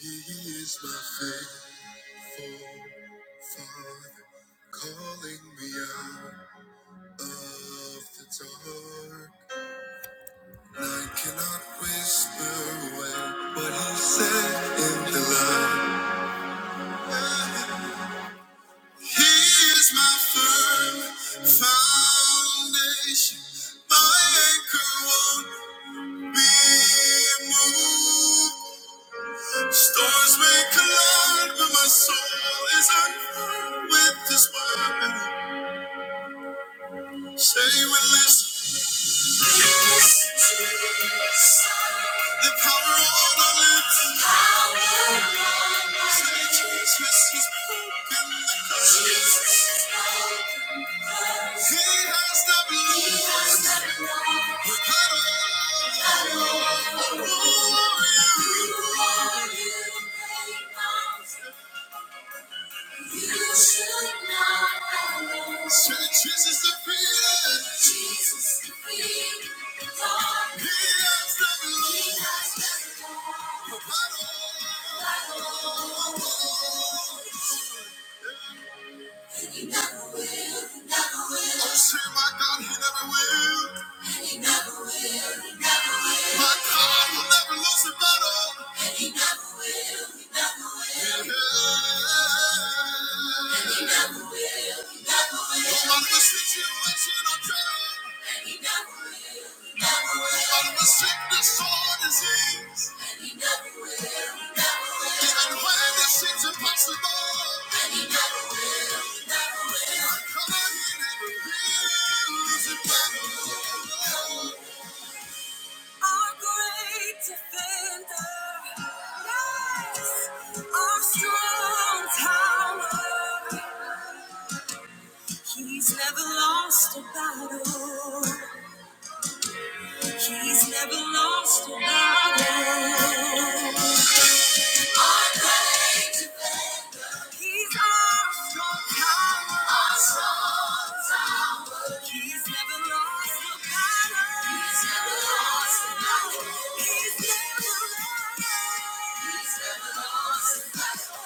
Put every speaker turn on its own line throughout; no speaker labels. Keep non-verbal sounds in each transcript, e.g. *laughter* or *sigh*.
He is my faithful Father, calling me out of the dark. I cannot whisper away what He said in the light. He is my firm foundation, my anchor won't be moved. Stars may collide, but my soul is unfurled with this weapon. Say with this, the power on our lips. Power on our lips. Say Jesus has broken the curse. Jesus has broken the curse. He has not lost. We're not all. Who are you? You are you. You should not have known. Sweet Jesus the freedom. Jesus the freedom. Lord. He has done it all. He has done it all. Oh, oh, oh, oh. And He never never will, He never will. Oh, say my God, He never will. And He never never will, He never will. My God will never lose a battle. And He never never will, He never will. Yeah. And He never never will, He never will. No matter the situation I'm in, And He never never will, He never will. no matter the sickness or disease. Even when it seems impossible, come on, He never lose it Our great defender, yes, our strong tower. He's never lost a battle. He's never lost a battle. He's our strong tower. Our strong tower. He's never lost the battle. He's never lost the battle. He's never lost. He's never lost the battle.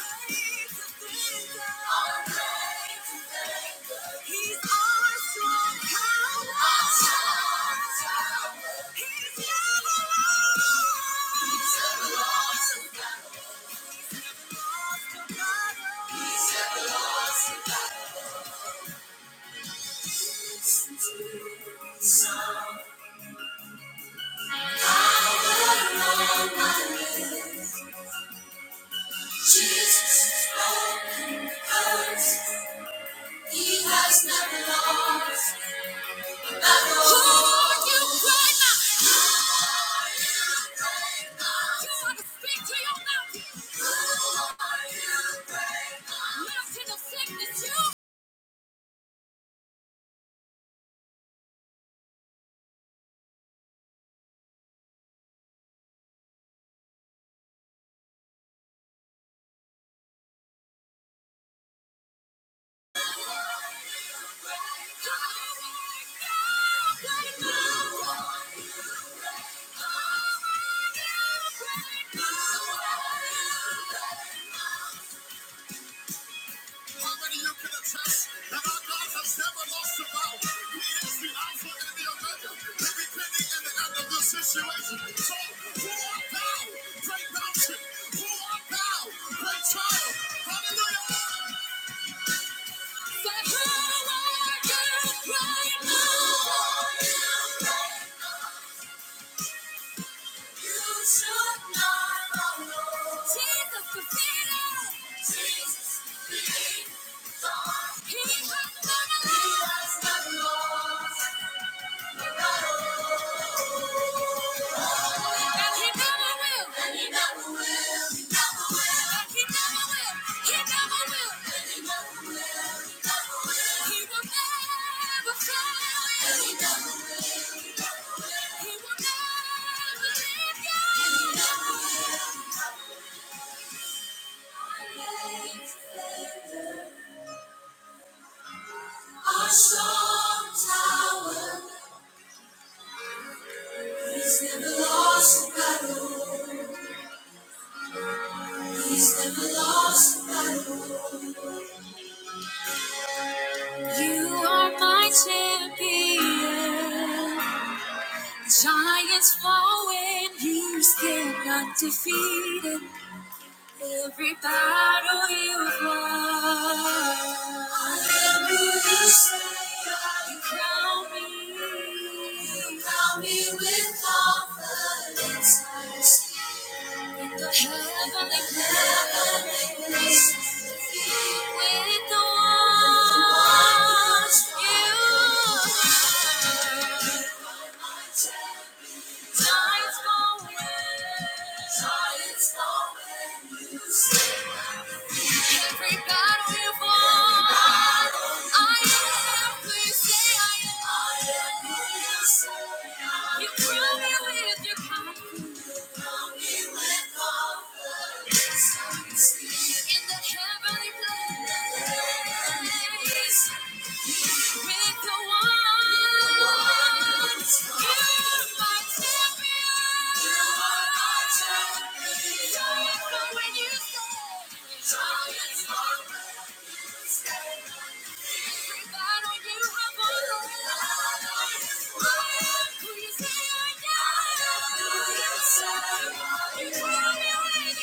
Our Great defender. Our great defender. He's our strong tower. Our strong tower. He's never lost. He's never lost. the battle. Jesus overcomes. He has never lost. battle. Who you pray now? You want to speak to your mountain. Oh, you pray now. Mountain of sickness, you cry. How many you can attest that our God has never lost a battle? He is the Alpha and the Omega, the beginning and the end of this situation. So bow, break mountain, pull up, bow, break trial. Hallelujah! The power of God right now. You should not alone. Jesus defeated. Jesus defeated. He has not lost. And he never will. he never will. He never will. he never will. He never will. And he never will. He never will. He will never fail. And he will. never leave you. Our strong tower. He's never lost a battle. He's never lost a You are my champion. Giants fall when you stand undefeated. Every battle you've won. Hallelujah, say I- You crown me. You crown me with confidence. I stand in the heavenly place. With the ones you. Giants fall when. I am. Please say I am. You prove me with your kindness. Prove me with confidence. In the heavenly place. With the ones you're my champion. You are So when you say, Giants are Everybody you have won. Who you say I am. Who you say I am. You tell me when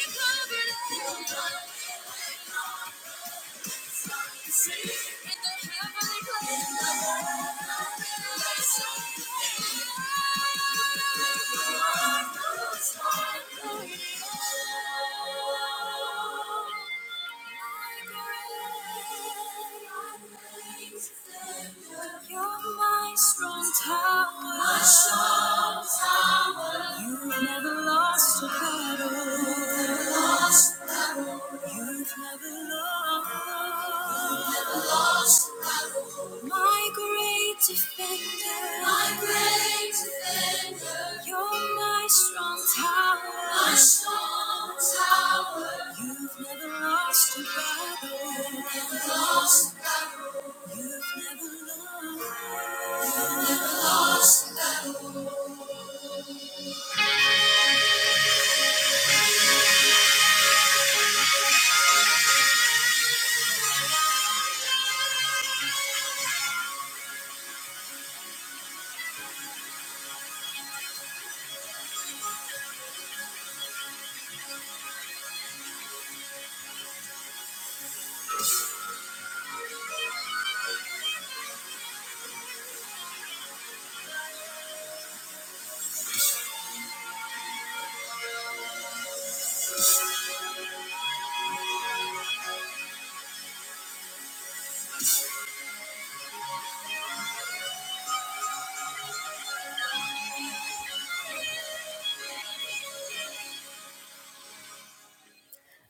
you covered it. You're my strong tower. My strong tower. You've never lost a battle. You've never lost. My great defender, my great defender, you're my strong tower, my strong tower. You've never lost a battle, You've never lost, you've never lost.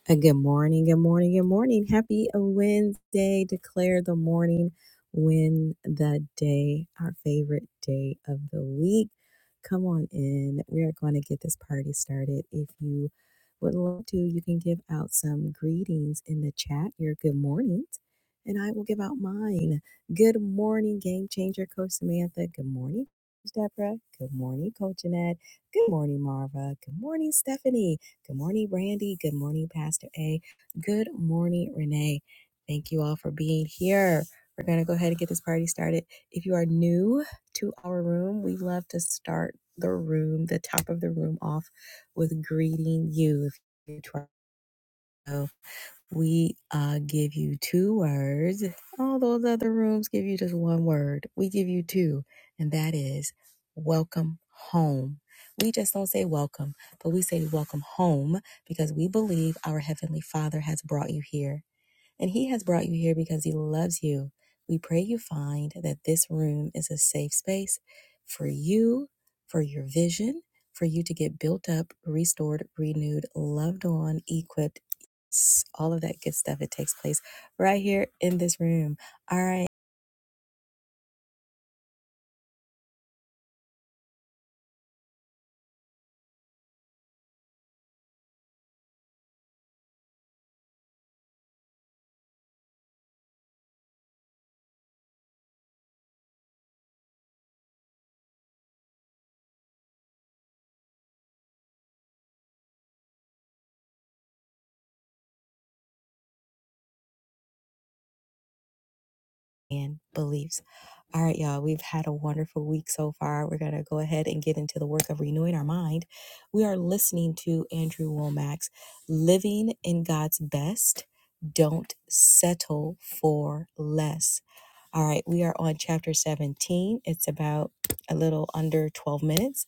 Uh, Good morning, good morning, good morning. Happy Wednesday. Declare the morning win the day, our favorite day of the week. Come on in. We are going to get this party started. If you would love to, you can give out some greetings in the chat, your good mornings, and I will give out mine. Good morning, Game Changer Coach Samantha. Good morning, Coach Deborah. Good morning, Coach Jeanette. Good morning, Marva. Good morning, Stephanie. Good morning, Brandy. Good morning, Pastor A. Good morning, Renee. Thank you all for being here. We're going to go ahead and get this party started. If you are new to our room, we love to start the room, the top of the room off with greeting you. If you're new to our show, we uh, give you two words. All those other rooms give you just one word. We give you two, and that is welcome home. We just don't say welcome, but we say welcome home because we believe our Heavenly Father has brought you here and He has brought you here because He loves you. We pray you find that this room is a safe space for you, for your vision, for you to get built up, restored, renewed, loved on, equipped. s- All of that good stuff. It takes place right here in this room. All right. and beliefs. All right, y'all, we've had a wonderful week so far. We're going to go ahead and get into the work of renewing our mind. We are listening to Andrew Womack's Living in God's Best. Don't settle for less. All right, we are on chapter 17. It's about a little under 12 minutes.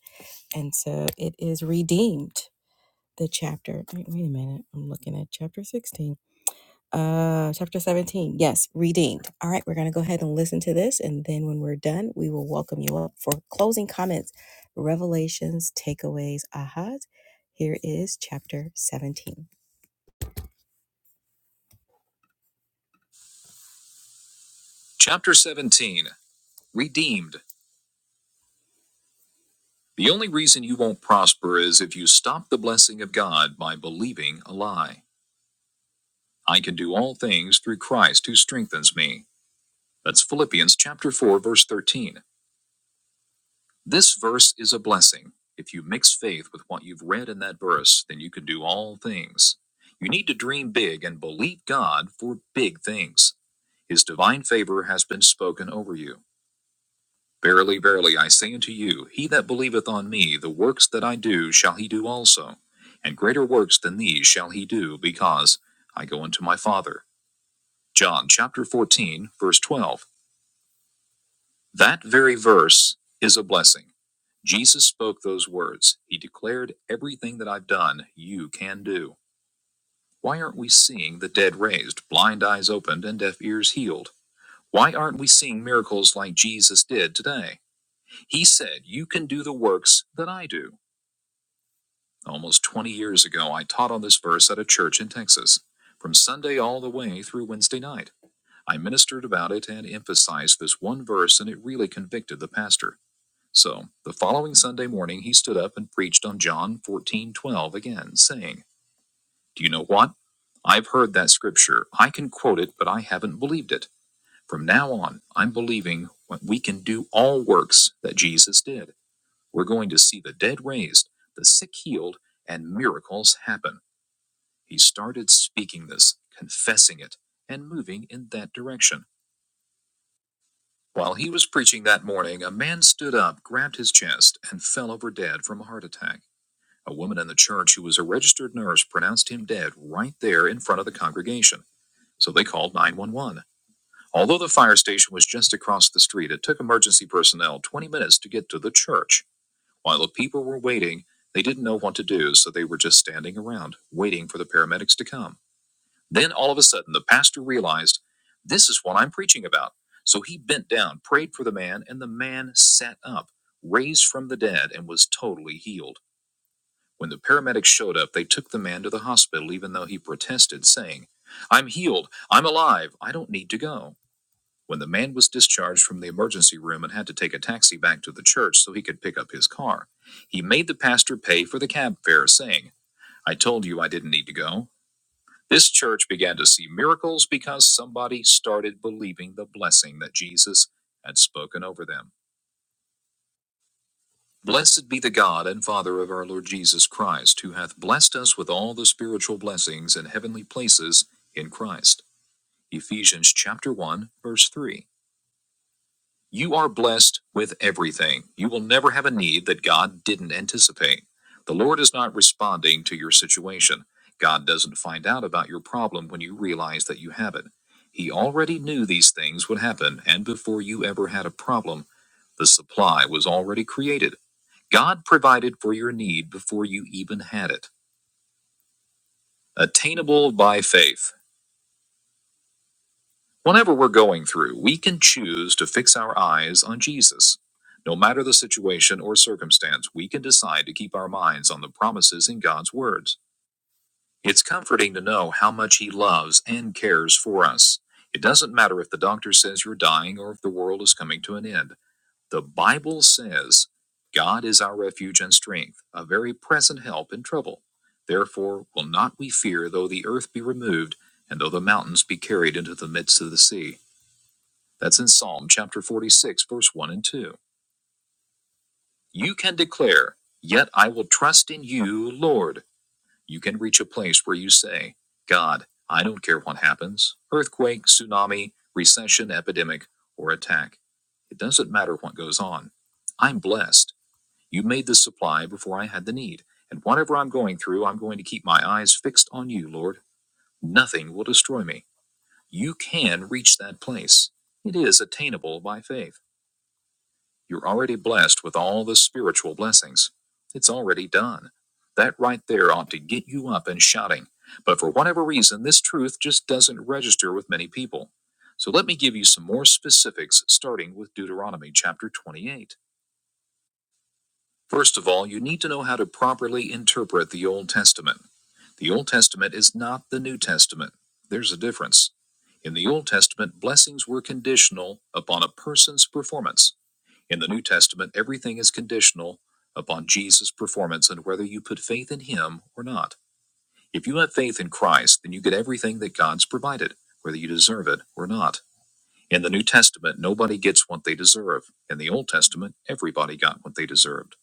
And so it is redeemed, the chapter. Wait, wait a minute. I'm looking at chapter 16 uh chapter 17 yes redeemed all right we're going to go ahead and listen to this and then when we're done we will welcome you up for closing comments revelations takeaways ahas here is chapter 17 chapter 17 redeemed the only reason you won't prosper is if you stop the blessing of god by believing a lie i can do all things through christ who strengthens me that's philippians chapter 4 verse 13 This verse is a blessing. If you mix faith with what you've read in that verse, then you can do all things. You need to dream big and believe God for big things. His divine favor has been spoken over you. Verily, verily, I say unto you, he that believeth on me, the works that I do shall he do also, and greater works than these shall he do, because I go unto my Father. John chapter 14, verse 12. That very verse is a blessing. Jesus spoke those words. He declared, Everything that I've done, you can do. Why aren't we seeing the dead raised, blind eyes opened, and deaf ears healed? Why aren't we seeing miracles like Jesus did today? He said, You can do the works that I do. Almost 20 years ago, I taught on this verse at a church in Texas, from Sunday all the way through Wednesday night. I ministered about it and emphasized this one verse, and it really convicted the pastor. So the following Sunday morning he stood up and preached on John fourteen twelve again, saying, Do you know what? I've heard that scripture. I can quote it, but I haven't believed it. From now on, I'm believing what we can do all works that Jesus did. We're going to see the dead raised, the sick healed, and miracles happen. He started speaking this, confessing it, and moving in that direction. While he was preaching that morning, a man stood up, grabbed his chest, and fell over dead from a heart attack. A woman in the church who was a registered nurse pronounced him dead right there in front of the congregation, so they called 911. Although the fire station was just across the street, it took emergency personnel 20 minutes to get to the church. While the people were waiting, they didn't know what to do, so they were just standing around, waiting for the paramedics to come. Then all of a sudden, the pastor realized, This is what I'm preaching about. So he bent down, prayed for the man, and the man sat up, raised from the dead, and was totally healed. When the paramedics showed up, they took the man to the hospital, even though he protested, saying, I'm healed. I'm alive. I don't need to go. When the man was discharged from the emergency room and had to take a taxi back to the church so he could pick up his car, he made the pastor pay for the cab fare, saying, I told you I didn't need to go. This church began to see miracles because somebody started believing the blessing that Jesus had spoken over them. Blessed be the God and Father of our Lord Jesus Christ, who hath blessed us with all the spiritual blessings in heavenly places in Christ. Ephesians chapter 1, verse 3. You are blessed with everything. You will never have a need that God didn't anticipate. The Lord is not responding to your situation. God doesn't find out about your problem when you realize that you have it. He already knew these things would happen, and before you ever had a problem, the supply was already created. God provided for your need before you even had it. Attainable by faith. Whenever we're going through, we can choose to fix our eyes on Jesus. No matter the situation or circumstance, we can decide to keep our minds on the promises in God's words. It's comforting to know how much He loves and cares for us. It doesn't matter if the doctor says you're dying or if the world is coming to an end. The Bible says God is our refuge and strength, a very present help in trouble. Therefore, will not we fear though the earth be removed, and though the mountains be carried into the midst of the sea? That's in Psalm chapter 46, verse 1 and 2. You can declare, Yet I will trust in you, Lord. You can reach a place where you say, God, I don't care what happens earthquake, tsunami, recession, epidemic, or attack. It doesn't matter what goes on. I'm blessed. You made the supply before I had the need. And whatever I'm going through, I'm going to keep my eyes fixed on you, Lord. Nothing will destroy me. You can reach that place. It is attainable by faith. You're already blessed with all the spiritual blessings. It's already done. That right there ought to get you up and shouting. But for whatever reason, this truth just doesn't register with many people. So let me give you some more specifics, starting with Deuteronomy chapter 28. First of all, you need to know how to properly interpret the Old Testament. The Old Testament is not the New Testament. There's a difference. In the Old Testament, blessings were conditional upon a person's performance. In the New Testament, everything is conditional upon Jesus' performance and whether you put faith in him or not. If you have faith in Christ, then you get everything that God's provided, whether you deserve it or not. In the New Testament, nobody gets what they deserve. In the Old Testament, everybody got what they deserved.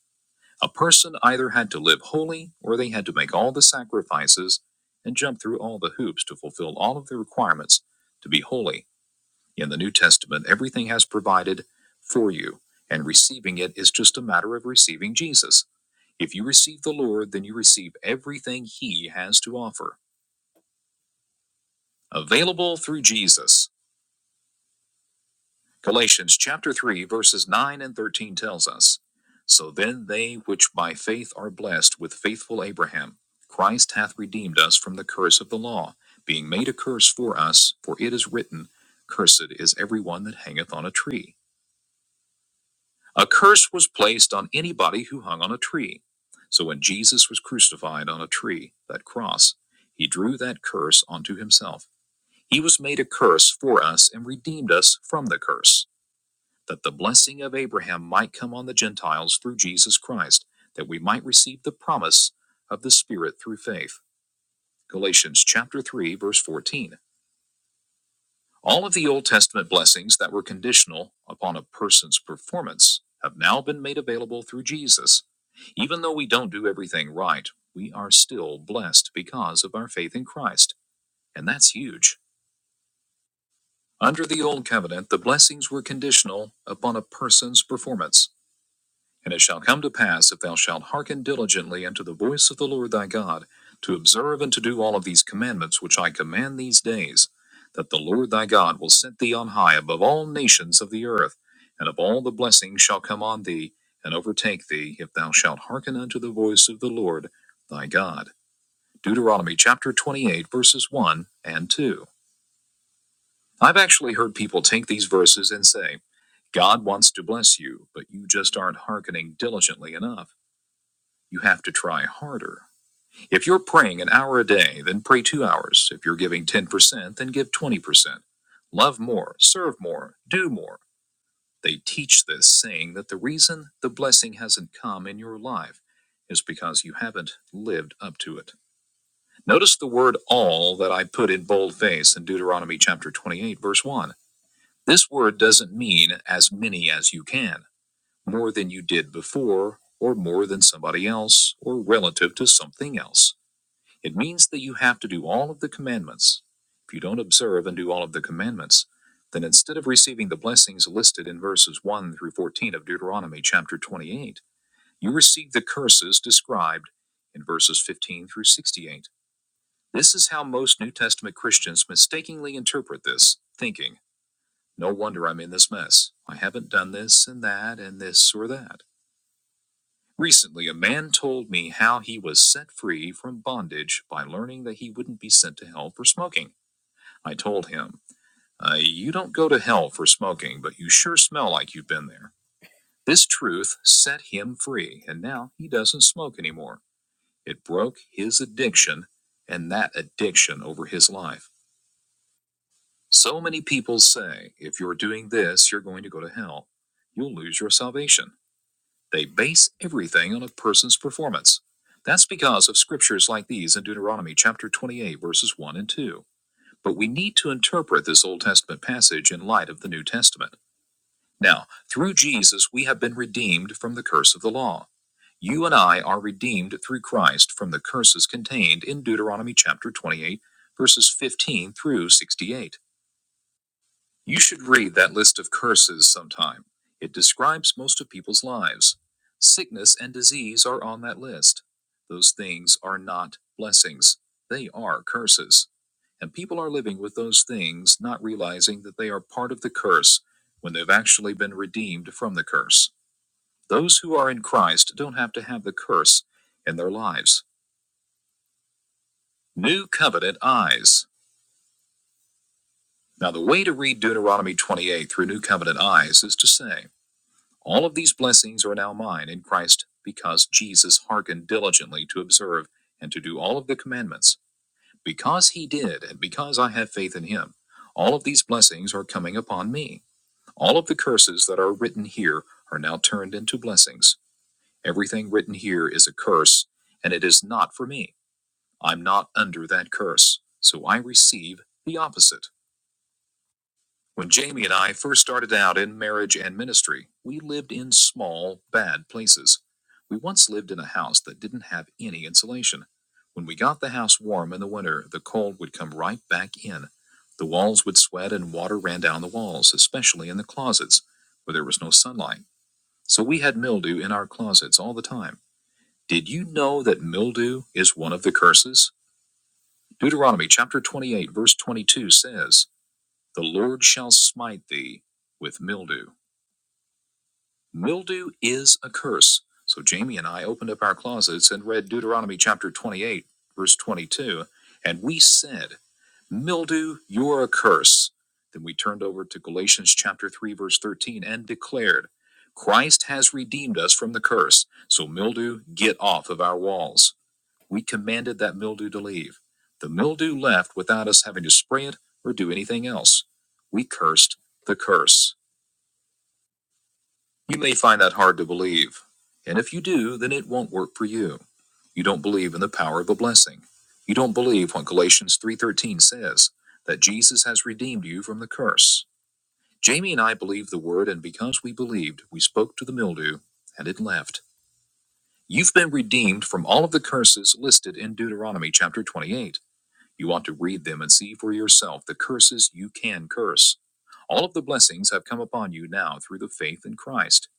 A person either had to live holy or they had to make all the sacrifices and jump through all the hoops to fulfill all of the requirements to be holy. In the New Testament, everything has provided for you, and receiving it is just a matter of receiving Jesus. If you receive the Lord, then you receive everything He has to offer, available through Jesus. Galatians chapter 3 verses 9 and 13 tells us, So then they which by faith are blessed with faithful Abraham, Christ hath redeemed us from the curse of the law, being made a curse for us, for it is written, Cursed is every one that hangeth on a tree. A curse was placed on anybody who hung on a tree. So when Jesus was crucified on a tree, that cross, he drew that curse onto himself. He was made a curse for us and redeemed us from the curse that the blessing of Abraham might come on the Gentiles through Jesus Christ, that we might receive the promise of the Spirit through faith. Galatians chapter 3 verse 14. All of the Old Testament blessings that were conditional upon a person's performance have now been made available through Jesus. Even though we don't do everything right, we are still blessed because of our faith in Christ, and that's huge. Under the Old Covenant, the blessings were conditional upon a person's performance. And it shall come to pass, if thou shalt hearken diligently unto the voice of the Lord thy God, to observe and to do all of these commandments which I command these days, that the Lord thy God will set thee on high above all nations of the earth, and of all the blessings shall come on thee and overtake thee, if thou shalt hearken unto the voice of the Lord thy God. Deuteronomy chapter 28, verses 1 and 2. I've actually heard people take these verses and say, God wants to bless you, but you just aren't hearkening diligently enough. You have to try harder. If you're praying an hour a day, then pray two hours. If you're giving 10%, then give 20%. Love more, serve more, do more. They teach this, saying that the reason the blessing hasn't come in your life is because you haven't lived up to it. Notice the word all that I put in boldface in Deuteronomy chapter 28, verse 1. This word doesn't mean as many as you can, more than you did before, or more than somebody else, or relative to something else. It means that you have to do all of the commandments. If you don't observe and do all of the commandments, then instead of receiving the blessings listed in verses 1 through 14 of Deuteronomy chapter 28, you receive the curses described in verses 15 through 68. This is how most New Testament Christians mistakenly interpret this, thinking, no wonder I'm in this mess. I haven't done this and that and this or that. Recently, a man told me how he was set free from bondage by learning that he wouldn't be sent to hell for smoking. I told him, uh, You don't go to hell for smoking, but you sure smell like you've been there. This truth set him free, and now he doesn't smoke anymore. It broke his addiction and that addiction over his life. So many people say, If you're doing this, you're going to go to hell. You'll lose your salvation. They base everything on a person's performance. That's because of scriptures like these in Deuteronomy chapter 28, verses 1 and 2. But we need to interpret this Old Testament passage in light of the New Testament. Now, through Jesus, we have been redeemed from the curse of the law. You and I are redeemed through Christ from the curses contained in Deuteronomy chapter 28, verses 15 through 68. You should read that list of curses sometime. It describes most of people's lives. Sickness and disease are on that list. Those things are not blessings, they are curses. And people are living with those things, not realizing that they are part of the curse when they've actually been redeemed from the curse. Those who are in Christ don't have to have the curse in their lives. New Covenant Eyes. Now, the way to read Deuteronomy 28 through New Covenant Eyes is to say, All of these blessings are now mine in Christ because Jesus hearkened diligently to observe and to do all of the commandments. Because he did, and because I have faith in him, all of these blessings are coming upon me. All of the curses that are written here are now turned into blessings. Everything written here is a curse, and it is not for me. I'm not under that curse, so I receive the opposite. When Jamie and I first started out in marriage and ministry, we lived in small, bad places. We once lived in a house that didn't have any insulation. When we got the house warm in the winter, the cold would come right back in. The walls would sweat and water ran down the walls, especially in the closets, where there was no sunlight. So we had mildew in our closets all the time. Did you know that mildew is one of the curses? Deuteronomy chapter 28, verse 22 says, the Lord shall smite thee with mildew. Mildew is a curse. So Jamie and I opened up our closets and read Deuteronomy chapter 28, verse 22, and we said, Mildew, you're a curse. Then we turned over to Galatians chapter 3, verse 13, and declared, Christ has redeemed us from the curse. So mildew, get off of our walls. We commanded that mildew to leave. The mildew left without us having to spray it or do anything else. We cursed the curse. You may find that hard to believe. And if you do, then it won't work for you. You don't believe in the power of a blessing. You don't believe what Galatians 3:13 says that Jesus has redeemed you from the curse. Jamie and I believe the word and because we believed, we spoke to the mildew and it left. You've been redeemed from all of the curses listed in Deuteronomy chapter 28. You want to read them and see for yourself the curses you can curse. All of the blessings have come upon you now through the faith in Christ.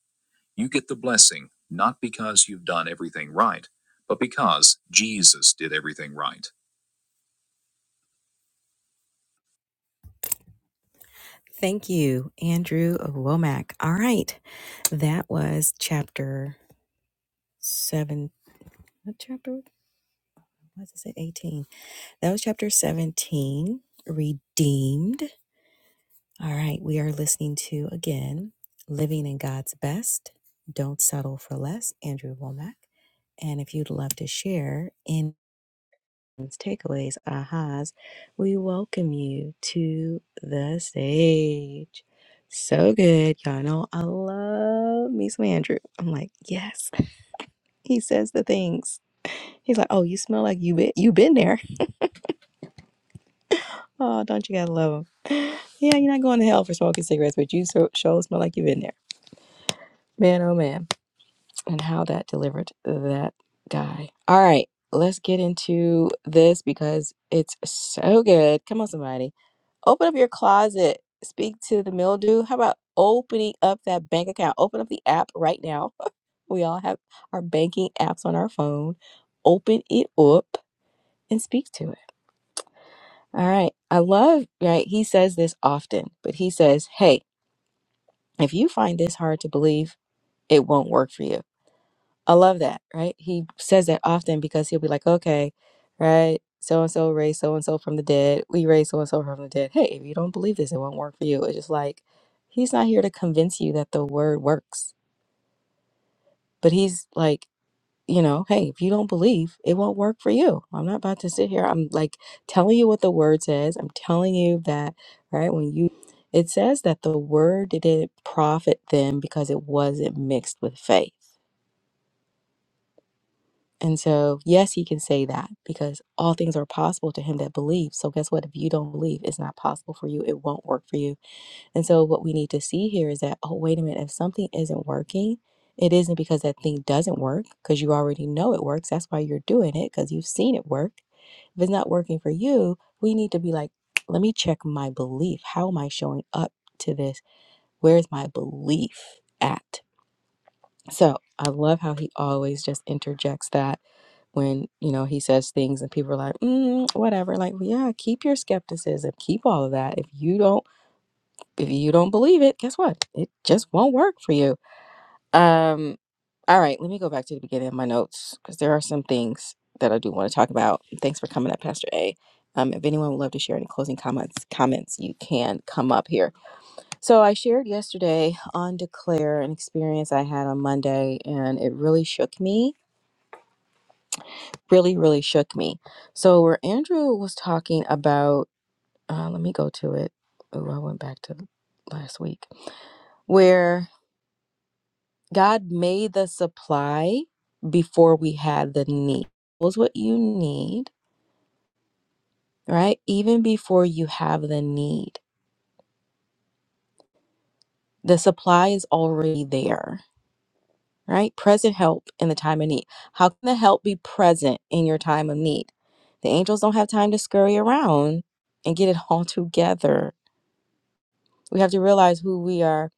You get the blessing not because you've done everything right, but because Jesus did everything right. Thank you, Andrew Womack. All right. That was chapter seven. What chapter was it? Say 18. That was chapter 17, Redeemed. All right, we are listening to again Living in God's Best, Don't Settle for Less, Andrew Womack. And if you'd love to share in takeaways, ahas, we welcome you to the stage. So good. Y'all know I love me some Andrew. I'm like, yes, *laughs* he says the things. He's like, oh, you smell like you been, you been there. Oh, don't you gotta love him? Yeah, you're not going to hell for smoking cigarettes, but you so, sure smell like you've been there. Man, oh man. and how that delivered that guy. All right, let's get into this because it's so good. Come on, somebody. Open up your closet. Speak to the mildew. How about opening up that bank account? Open up the app right now. We all have our banking apps on our phone. Open it up and speak to it. All right. I love, right? He says this often, but he says, hey, if you find this hard to believe, it won't work for you. I love that, right? He says that often because he'll be like, okay, right? So and so raised so and so from the dead. We raised so and so from the dead. Hey, if you don't believe this, it won't work for you. It's just like, he's not here to convince you that the word works, but he's like, you know, hey, if you don't believe, it won't work for you. I'm not about to sit here. I'm like telling you what the word says. I'm telling you that, right? When you, it says that the word didn't profit them because it wasn't mixed with faith And so, yes, he can say that because all things are possible to him that believes. So, guess what? If you don't believe, it's not possible for you. It won't work for you. And so, what we need to see here is that, oh, wait a minute, if something isn't working, it isn't because that thing doesn't work, because you already know it works. That's why you're doing it, because you've seen it work. If it's not working for you, we need to be like, let me check my belief. How am I showing up to this? Where's my belief at? So, I love how he always just interjects that when you know he says things and people are like mm, whatever like well, yeah keep your skepticism keep all of that if you don't if you don't believe it guess what it just won't work for you um all right let me go back to the beginning of my notes because there are some things that i do want to talk about thanks for coming up pastor a um, if anyone would love to share any closing comments comments you can come up here so i shared yesterday on declare an experience i had on monday and it really shook me really, really shook me. So, where Andrew was talking about, uh, let me go to it. Oh, I went back to last week, where God made the supply before we had the need. Was what you need, right? Even before you have the need, the supply is already there, right? Present help in the time of need. How can the help be present in your time of need? The angels don't have time to scurry around and get it *laughs* all together We have to realize who we are.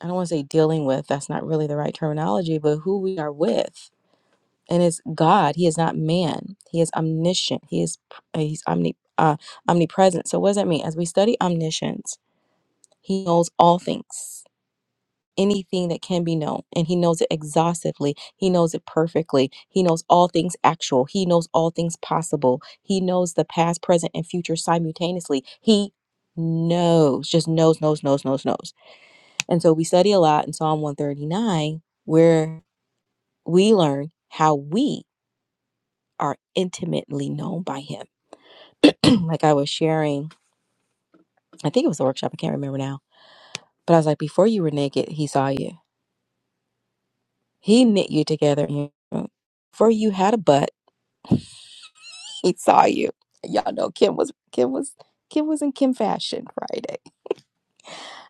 I don't want to say dealing with, that's not really the right terminology, but who we are with. And it's God. He is not man. He is omniscient. He is uh, he's omni, uh, omnipresent. So what does that mean? As we study omniscience, he knows all things, anything that can be known, and he knows it exhaustively. He knows it perfectly. He knows all things actual. He knows all things possible. He knows the past, present, and future simultaneously. He knows, just knows, knows, knows, knows, knows. And so we study a lot in Psalm 139, where we learn how we are intimately known by Him. *clears throat* like I was sharing, I think it was a workshop, I can't remember now, but I was like, before you were naked, He saw you. He knit you together in your womb. Before you had a butt, He saw you. Y'all know Kim was, Kim was. Kim was in Kim fashion Friday.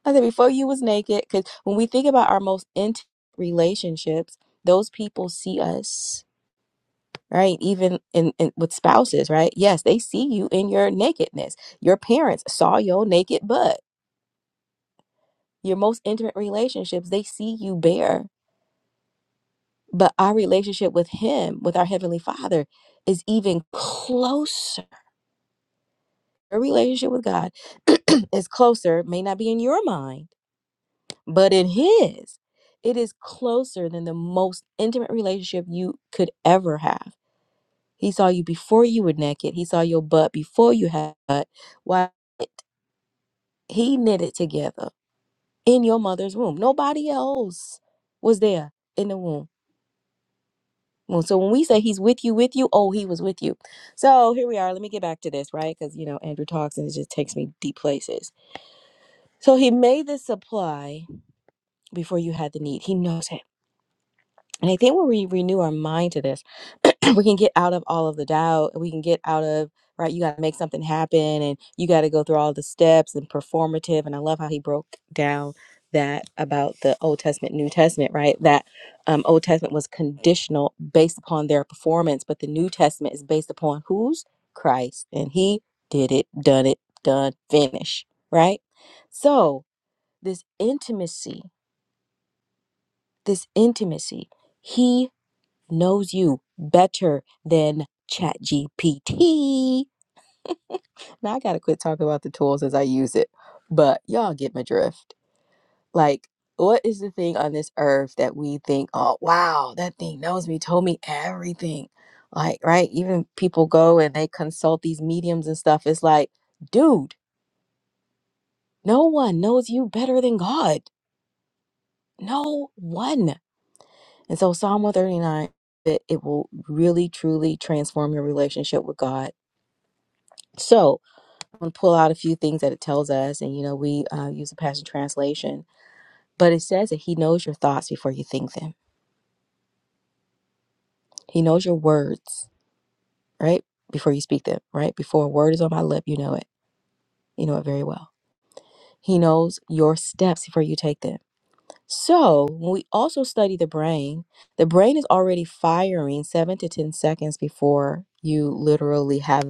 I said before you was naked, because when we think about our most intimate relationships, those people see us right even in, in with spouses right yes they see you in your nakedness your parents saw your naked butt your most intimate relationships they see you bare but our relationship with him with our heavenly father is even closer Our relationship with god *clears throat* is closer may not be in your mind but in his it is closer than the most intimate relationship you could ever have he saw you before you were naked he saw your butt before you had a butt. why He knit it together in your mother's womb. Nobody else was there in the womb. Well, So when we say he's with you, with you, oh, he was with you. So here we are. Let me get back to this, right? Because, you know, Andrew talks and it just takes me deep places. So he made the supply before you had the need. He knows. And I think when we renew our mind to this, *clears throat* we can get out of all of the doubt. We can get out of, right, you got to make something happen and you got to go through all the steps and performative. And I love how he broke down that about the Old Testament, New Testament, right? That um, Old Testament was conditional based upon their performance, but the New Testament is based upon who's Christ. And he did it, done it, done, finish, right? So this intimacy, this intimacy, he knows you better than ChatGPT. Now I gotta quit talking about the tools as I use it, but y'all get my drift. Like, what is the thing on this earth that we think, oh wow, that thing knows me, told me everything? Like, right? Even people go and they consult these mediums and stuff. It's like, dude, no one knows you better than God. No one. And so Psalm 139, it, it will really truly transform your relationship with God. So I'm going to pull out a few things that it tells us, and you know, we uh, use the Passion Translation, but it says that He knows your thoughts before you think them. He knows your words, right, before you speak them, right. Before a word is on my lip, you know it. You know it very well. He knows your steps before you take them. So when we also study the brain, the brain is already firing seven to ten seconds before you literally have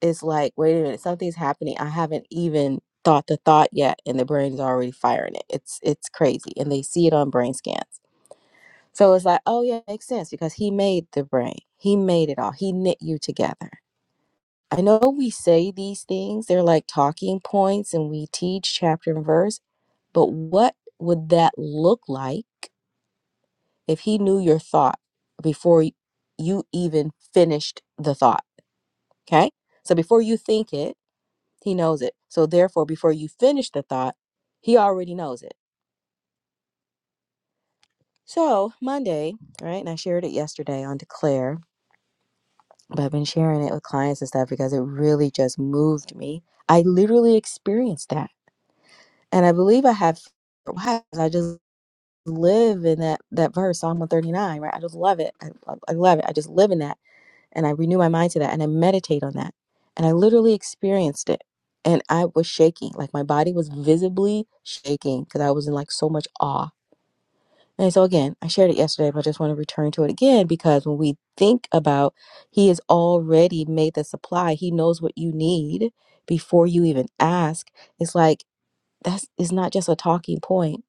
it's like, wait a minute, something's happening. I haven't even thought the thought yet, and the brain's already firing it. It's it's crazy, and they see it on brain scans. So it's like, oh yeah, it makes sense because he made the brain. He made it all. He knit you together. I know we say these things; they're like talking points, and we teach chapter and verse. But what would that look like if he knew your thought before y- you even finished the thought? Okay, so before you think it He knows it. So therefore, before you finish the thought, he already knows it. So Monday, right? And I shared it yesterday on Declare, but I've been sharing it with clients and stuff because it really just moved me. I literally experienced that. And I believe I have why? 'Cause I just live in that that verse, Psalm 139, right? I just love it. I I love it. I just live in that. and I renew my mind to that and I meditate on that. And I literally experienced it. And I was shaking. Like my body was visibly shaking because I was in like so much awe. And so again, I shared it yesterday, but I just want to return to it again because when we think about he has already made the supply, he knows what you need before you even ask. It's like that's it's not just a talking point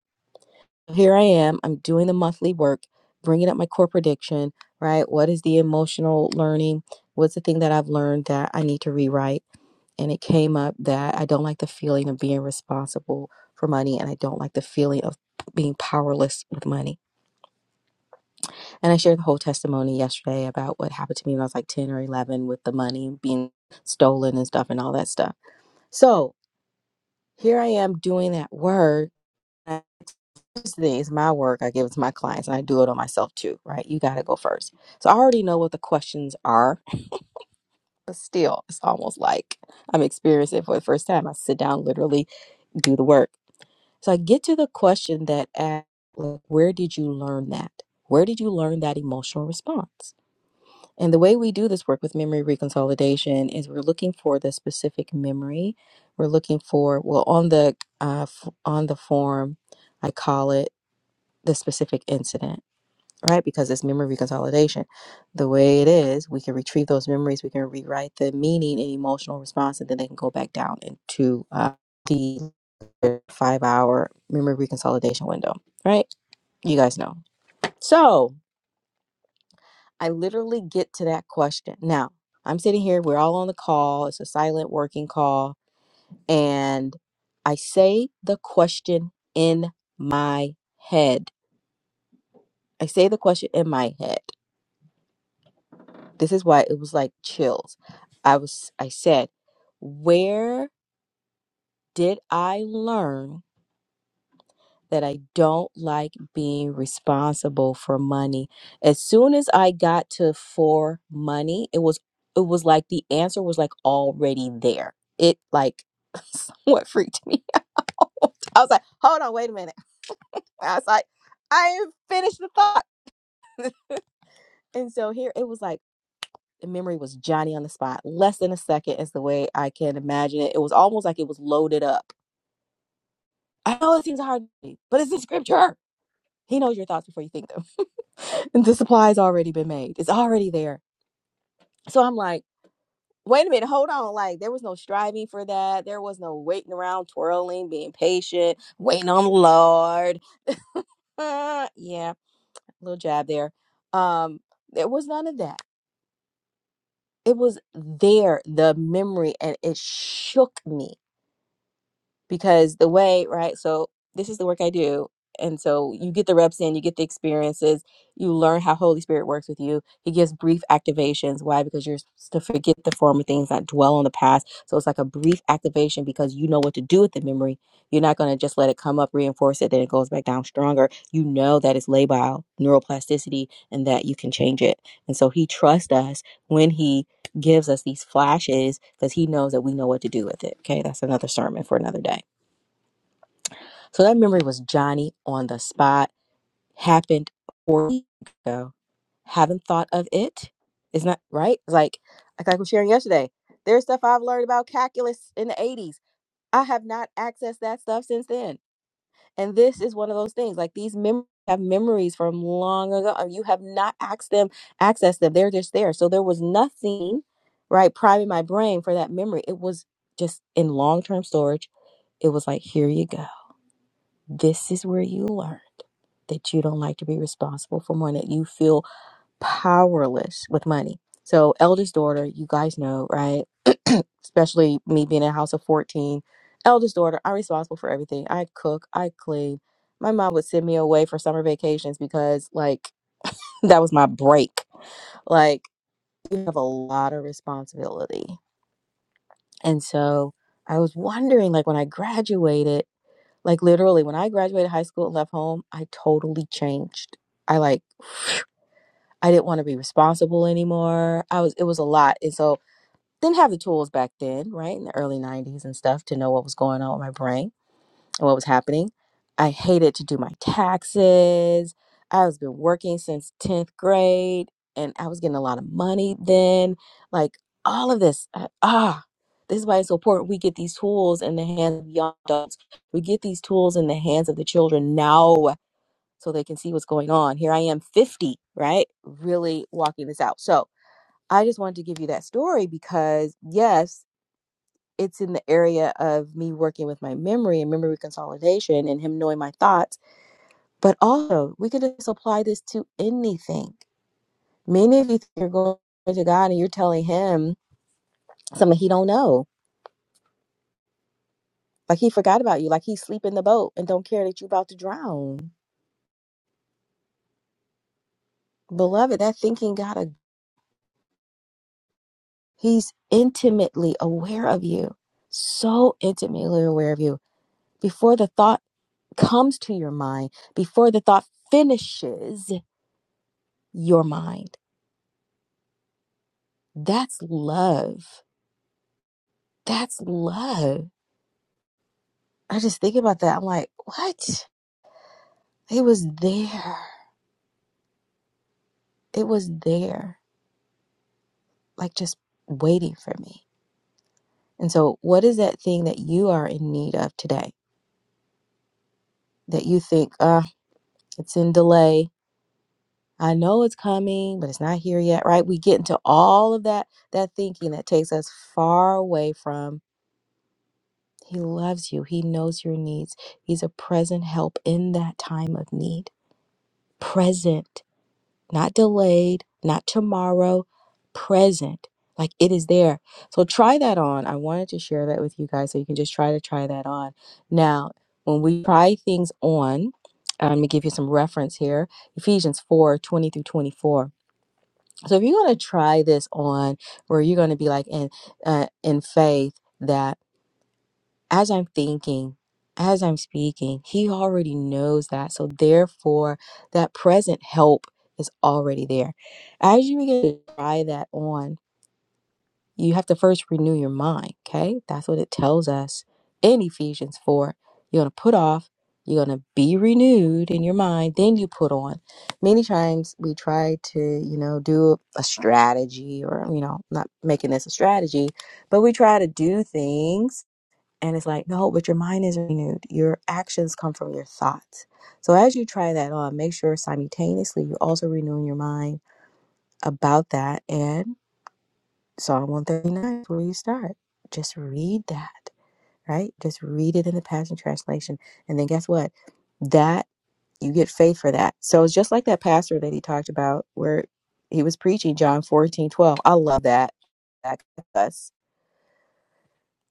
here I am. I'm doing the monthly work, bringing up my core prediction, right? What is the emotional learning? What's the thing that I've learned that I need to rewrite? And it came up that I don't like the feeling of being responsible for money and I don't like the feeling of being powerless with money. And I shared the whole testimony yesterday about what happened to me when I was like 10 or 11 with the money being stolen and stuff and all that stuff. So here I am doing that work. first is my work. I give it to my clients and I do it on myself too, right? You got to go first. So I already know what the questions are, but still, it's almost like I'm experiencing it for the first time. I sit down, literally do the work. So I get to the question that asks, like, where did you learn that? Where did you learn that emotional response? And the way we do this work with memory reconsolidation is we're looking for the specific memory. We're looking for well on the uh, f- on the form, I call it the specific incident. right? Because it's memory consolidation. The way it is, we can retrieve those memories, we can rewrite the meaning and emotional response, and then they can go back down into uh, the five hour memory reconsolidation window, right? You guys know. So I literally get to that question. Now, I'm sitting here, we're all on the call, it's a silent working call, and I say the question in my head. I say the question in my head. This is why it was like chills. I was I said, "Where did I learn that I don't like being responsible for money?" As soon as I got to for money, it was it was like the answer was like already there. It like *laughs* somewhat freaked me *laughs* out. I was like, "Hold on, wait a minute." I was like, "I ain't finished the thought." And so here it was like the memory was Johnny on the spot. Less than a second is the way I can imagine it. It was almost like it was loaded up. I know it seems hard, but it's in scripture. He knows your thoughts before you think them. *laughs* and the supply has already been made. It's already there. So I'm like, wait a minute, hold on. Like there was no striving for that. There was no waiting around, twirling, being patient, waiting on the Lord. Uh, yeah, little jab there. Um, there was none of that. It was there, the memory, and it shook me because the way right so this is the work i do and so you get the reps in you get the experiences you learn how holy spirit works with you he gives brief activations why because you're supposed to forget the former things not dwell on the past so it's like a brief activation because you know what to do with the memory you're not going to just let it come up reinforce it then it goes back down stronger you know that it's labile neuroplasticity and that you can change it and so he trusts us when he gives us these flashes because he knows that we know what to do with it okay that's another sermon for another day so that memory was Johnny on the spot. Happened four weeks ago. Haven't thought of it. Isn't that right? It's Like, like I was sharing yesterday. There's stuff I've learned about calculus in the 80s. I have not accessed that stuff since then. And this is one of those things. Like these mem- have memories from long ago. and You have not asked them, accessed them. They're just there. So there was nothing, right, priming my brain for that memory. It was just in long term storage. It was like, here you go this is where you learned that you don't like to be responsible for money, that you feel powerless with money. So, eldest daughter, you guys know, right? Especially me being in a house of 14. Eldest daughter, I'm responsible for everything. I cook, I clean. My mom would send me away for summer vacations because, like, *laughs* that was my break like you have a lot of responsibility and so i was wondering like when i graduated like literally, when I graduated high school and left home, I totally changed. I like I didn't want to be responsible anymore. I was it was a lot. And so didn't have the tools back then, right? In the early 90s and stuff to know what was going on with my brain and what was happening. I hated to do my taxes. I was been working since 10th grade and I was getting a lot of money then. Like all of this. I- Ah, this is why it's so important we get these tools in the hands of young adults. We get these tools in the hands of the children now so they can see what's going on. Here I am 50, right? Really walking this out. So I just wanted to give you that story because yes, it's in the area of me working with my memory and memory consolidation and him knowing my thoughts. But also, we could just apply this to anything. Many of you think you're going to God and you're telling him something he don't know. Like he forgot about you, like he's sleeping in the boat and don't care that you're about to drown. Beloved, that thinking gotta he's intimately aware of you. So intimately aware of you. Before the thought comes to your mind, before the thought finishes your mind. That's love. That's love. I just think about that. I'm like, what? It was there. It was there, like just waiting for me. And so, what is that thing that you are in need of today that you think, uh, it's in delay? I know it's coming, but it's not here yet, right? We get into all of that that thinking that takes us far away from he loves you. He knows your needs. He's a present help in that time of need. Present. not delayed, not tomorrow, present. Like it is there. So try that on. I wanted to share that with you guys so you can just try to try that on. Now, when we try things on, um, let me give you some reference here Ephesians 4 20 through 24. So if you're going to try this on, where you're going to be like in, uh, in faith, that as I'm thinking, as I'm speaking, he already knows that. So therefore, that present help is already there. As you begin to try that on, you have to first renew your mind. Okay. That's what it tells us in Ephesians 4. You're going to put off, you're going to be renewed in your mind, then you put on. Many times we try to, you know, do a strategy or, you know, not making this a strategy, but we try to do things and it's like, no, but your mind is renewed. Your actions come from your thoughts. So as you try that on, make sure simultaneously you're also renewing your mind about that. And Psalm 139 is where you start. Just read that, right? Just read it in the Passion Translation. And then guess what? That you get faith for that. So it's just like that pastor that he talked about where he was preaching John 14:12. I love that. That's us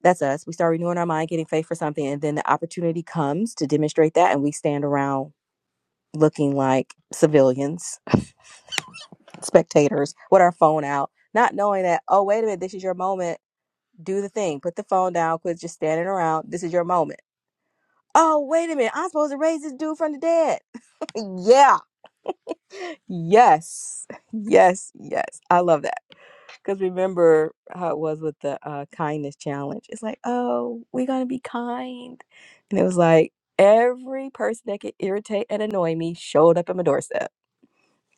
That's us. We start renewing our mind, getting faith for something, and then the opportunity comes to demonstrate that, and we stand around looking like civilians, spectators, with our phone out, not knowing that, oh, wait a minute, this is your moment. Do the thing. Put the phone down. Quit just standing around. This is your moment. Oh, wait a minute. I'm supposed to raise this dude from the dead. *laughs* yeah. Yes. Yes. Yes. I love that. Because remember how it was with the uh, kindness challenge. It's like, oh, we're going to be kind. And it was like, every person that could irritate and annoy me showed up at my doorstep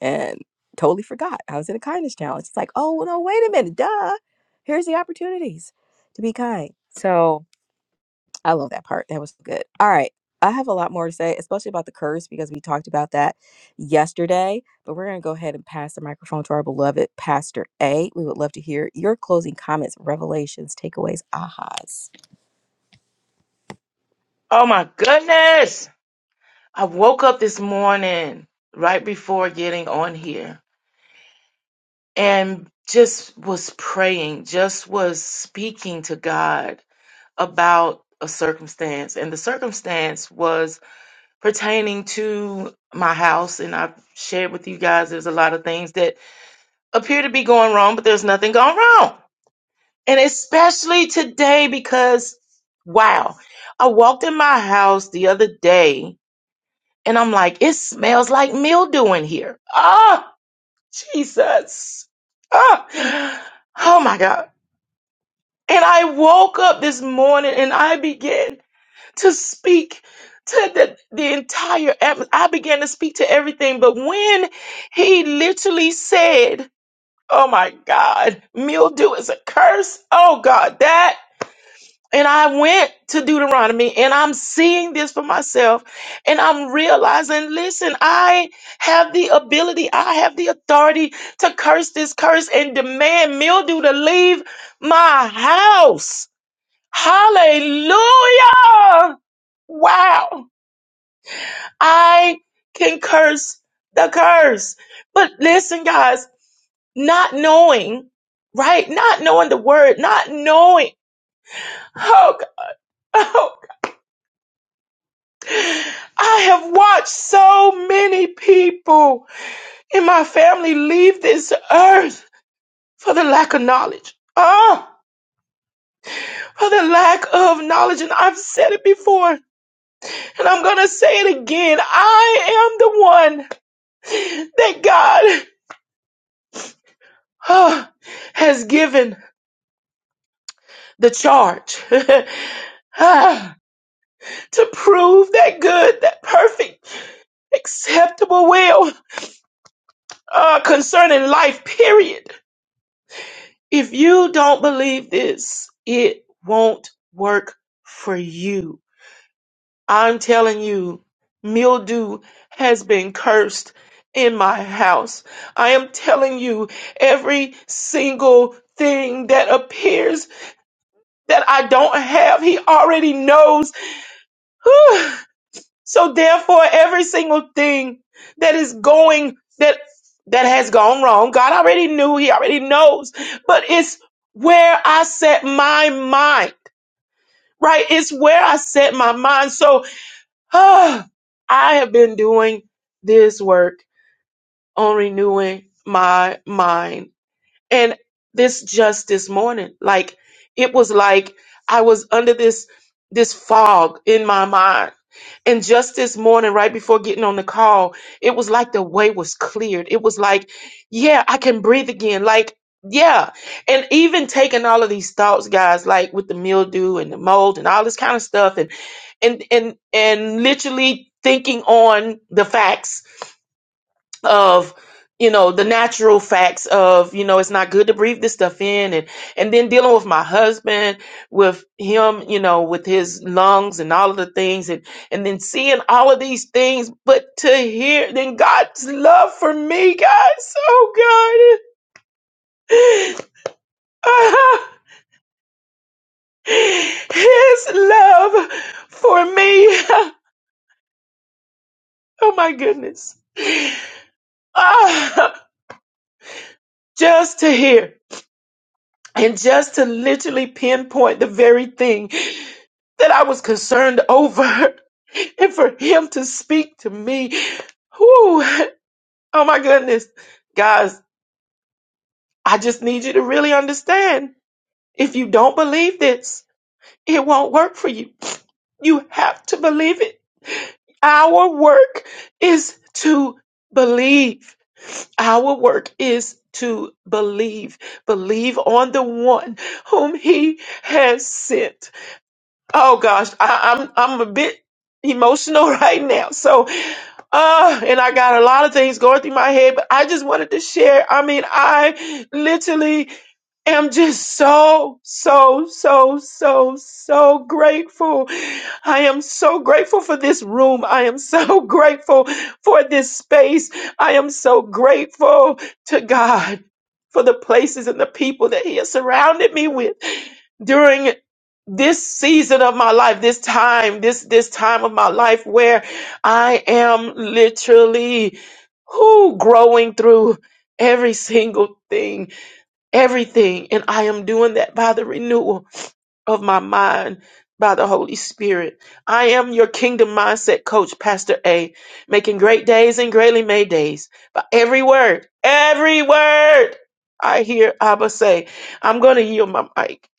and totally forgot I was in a kindness challenge. It's like, oh, no, wait a minute. Duh. Here's the opportunities to be kind. So, I love that part. That was good. All right. I have a lot more to say, especially about the curse, because we talked about that yesterday. But we're going to go ahead and pass the microphone to our beloved Pastor A. We would love to hear your closing comments, revelations, takeaways, ahas.
Oh my goodness. I woke up this morning right before getting on here and just was praying, just was speaking to God about a circumstance. And the circumstance was pertaining to my house. And I've shared with you guys there's a lot of things that appear to be going wrong, but there's nothing going wrong. And especially today because, wow, I walked in my house the other day And I'm like, it smells like mildew in here. Ah, Jesus. Ah, oh my God. And I woke up this morning and I began to speak to the, the entire atmosphere. I began to speak to everything. But when he literally said, Oh my God, mildew is a curse. Oh God, that. And I went to Deuteronomy and I'm seeing this for myself. And I'm realizing, listen, I have the ability, I have the authority to curse this curse and demand mildew to leave my house. Hallelujah. Wow. I can curse the curse. But listen, guys, not knowing, right? Not knowing the word, not knowing. Oh, *laughs* God. I have watched so many people in my family leave this earth for the lack of knowledge. Ah, for the lack of knowledge. And I've said it before, and I'm going to say it again. I am the one that God ah, has given the charge *laughs* ah, to prove that good, that perfect, acceptable will ah, concerning life, period. If you don't believe this, it won't work for you. I'm telling you, mildew has been cursed in my house. I am telling you, every single thing that appears that I don't have, he already knows. *sighs* So therefore, every single thing that is going that that has gone wrong, God already knew. He already knows. But it's where I set my mind. Right? It's where I set my mind. So ah, I have been doing this work on renewing my mind. And this just this morning, like it was like I was under this this fog in my mind and just this morning, right before getting on the call, it was like the way was cleared. It was like, yeah, I can breathe again. Like, yeah. And even taking all of these thoughts, guys, like with the mildew and the mold and all this kind of stuff and and and and literally thinking on the facts of you know the natural facts of you know it's not good to breathe this stuff in and and then dealing with my husband with him you know with his lungs and all of the things and and then seeing all of these things but to hear then God's love for me guys oh God *laughs* his love for me *laughs* oh my goodness *laughs* Ah, just to hear and just to literally pinpoint the very thing that I was concerned over, *laughs* and for him to speak to me, whoo, oh my goodness, guys, I just need you to really understand. If you don't believe this, it won't work for you. You have to believe it. Our work is to believe. Our work is to believe. Believe on the one whom he has sent Oh gosh, I, I'm I'm a bit emotional *laughs* right now. So, uh, and I got a lot of things going through my head, but I just wanted to share. I mean, I literally am just so, so, so, so, so grateful. I am so grateful for this room. I am so *laughs* grateful for this space. I am so grateful to God for the places and the people that He has surrounded me with during this season of my life this time this this time of my life where i am literally who growing through every single thing everything. And I am doing that by the renewal of my mind by the Holy Spirit. I am your kingdom mindset coach, Pastor A, making great days and greatly made days. But every word, every word I hear Abba say, I'm going to yield my mic.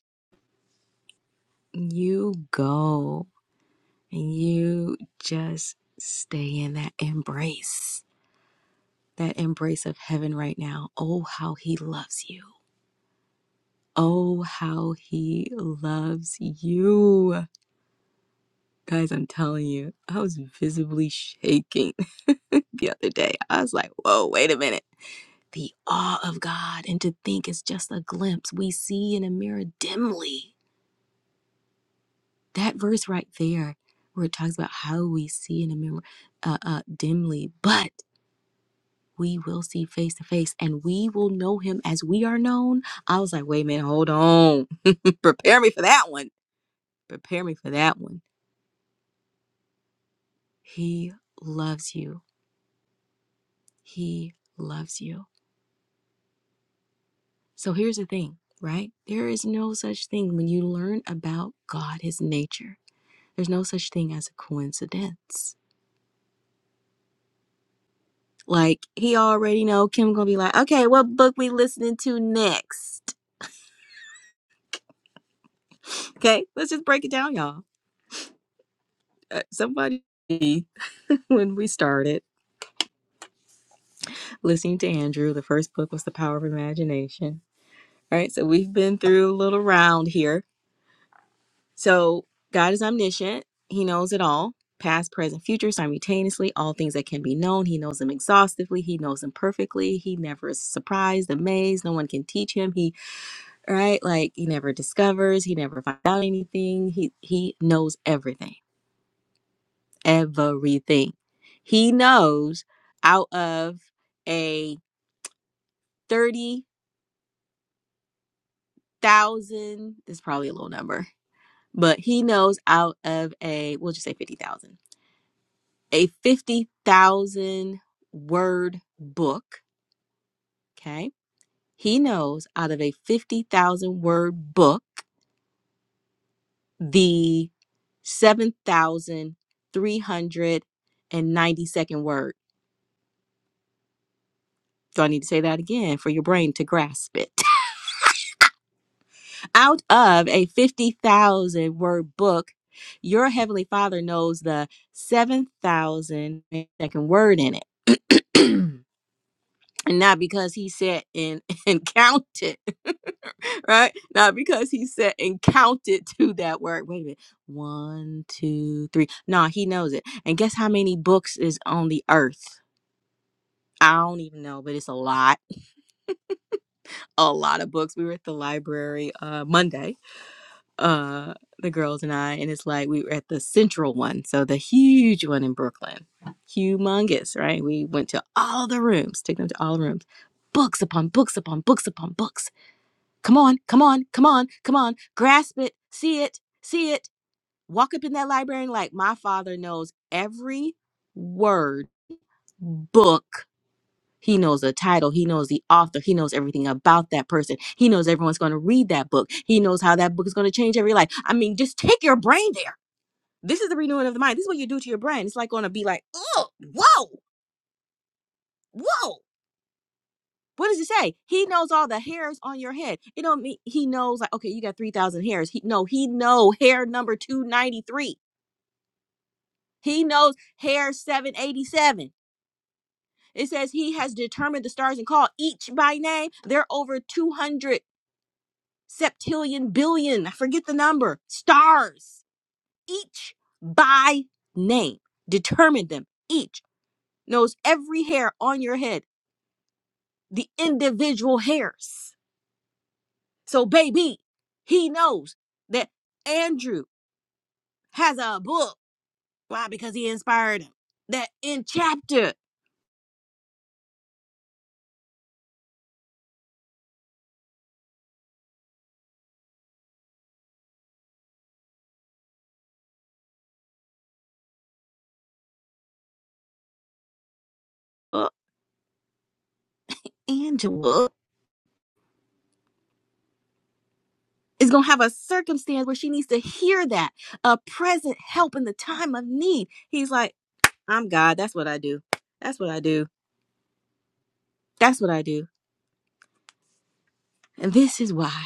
And you just stay in that embrace, that embrace of heaven right now. Oh, how he loves you. Oh, how he loves you. Guys, I'm telling you, I was visibly shaking *laughs* the other day. I was like, whoa, wait a minute. The awe of God, and to think it's just a glimpse we see in a mirror dimly. There, we're one. He loves you. He loves you. So, hearing, right? There is no such thing when you learn about God, His nature. There's no such thing as a coincidence. Like he already know Kim gonna be like, okay, what book we listening to next? Okay, let's just break it down, y'all. Uh, somebody *laughs* when we started. listening to Andrew. The first book was The Power of Imagination. All right, so we've been through a little round here. So God is omniscient, He knows it all past, present, future, simultaneously, all things that can be known. He knows them exhaustively, He knows them perfectly. He never is surprised, amazed. No one can teach Him. He, right, like He never discovers, He never finds out anything. He, he knows everything, everything. He knows out of a 30,000 but he knows out of a fifty thousand, a fifty thousand word book. Okay, he knows out of a fifty thousand word book the seven thousand three hundred and ninety second word. So I need to say that again for your brain to grasp it. *laughs* out of a fifty thousand word book, your heavenly Father knows the seven thousand second word in it. *clears throat* and not because he sat and, *laughs* and counted, *laughs* right? Not because he sat and counted to that word. Wait a minute. One, two, three. No, he knows it. And guess how many books is on the earth? I don't even know, but it's a lot. A lot of books. We were at the library uh Monday, uh, the girls and I, and it's like we were at the central one, so the huge one in Brooklyn. Humongous, right? We went to all the rooms, took them to all the rooms. Books upon books upon books upon books Come on, come on, come on, come on. Grasp it, see it, see it. Walk up in that library and like my father knows every word, book. He knows the title, he knows the author, he knows everything about that person. He knows everyone's going to read that book. He knows how that book is going to change every life. I mean, just take your brain there. This is the renewing of the mind. This is what you do to your brain. It's like going to be like, oh, whoa, whoa. What does it say? He knows all the hairs on your head. It don't mean he knows like okay, you got three thousand hairs. He no, he know hair number two ninety three. He knows hair seven eighty seven. It says he has determined the stars and called each by name. There are over two hundred septillion billion. I forget the number stars each by name. Determined them each knows every hair on your head. The individual hairs. So, baby, he knows that Andrew has a book. Why? Because he inspired him. That in chapter, uh, Angela is going to have a circumstance where she needs to hear that a present help in the time of need. He's like, I'm God. That's what I do. That's what I do. That's what I do. And this is why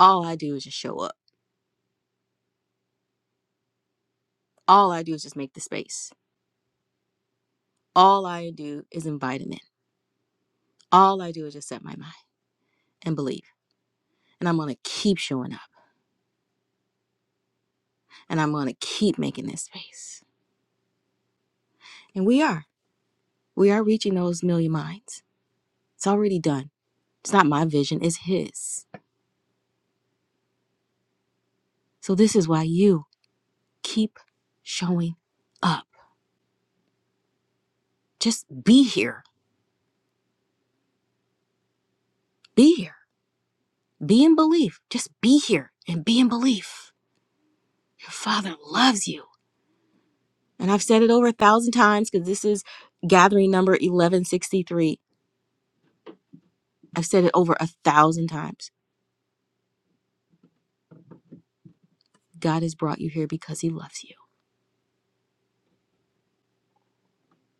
all I do is just show up. All I do is just make the space. All I do is invite him in. All I do is just set my mind and believe. And I'm going to keep showing up. and I'm going to keep making this space. And we are. We are reaching those million minds. It's already done. It's not my vision, it's His. So this is why you keep showing up. Just be here. Be here. Be in belief. Just be here and be in belief. Your Father loves you. And I've said it over a thousand times because this is gathering number 1163. I've said it over a thousand times. God has brought you here because He loves you.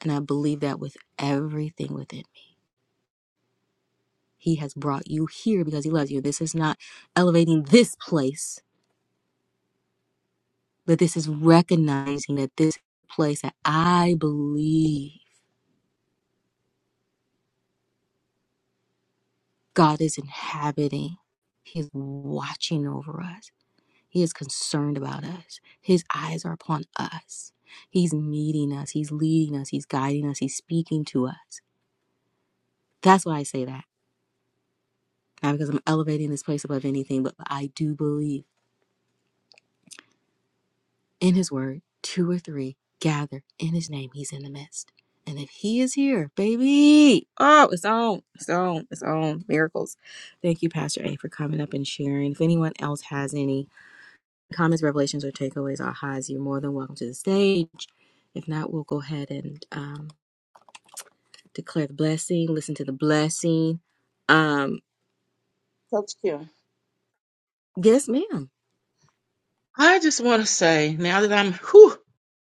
And I believe that with everything within me. He has brought you here because he loves you. This is not elevating this place, but this is recognizing that this place that I believe God is inhabiting, He is watching over us. He is concerned about us. His eyes are upon us. He's meeting us. He's leading us. He's guiding us. He's speaking to us. That's why I say that. Not because I'm elevating this place above anything, but I do believe. in his word, two or three gather in his name, he's in the midst. And if he is here, baby, oh, it's on, it's on, it's on. Miracles. Thank you, Pastor A, for coming up and sharing. If anyone else has any comments, revelations, or takeaways or highs, you're more than welcome to the stage. If not, we'll go ahead and um, declare the blessing, listen to the blessing. Um,
Coach Kim.
yes, ma'am.
I just want to say, now that I'm, whew,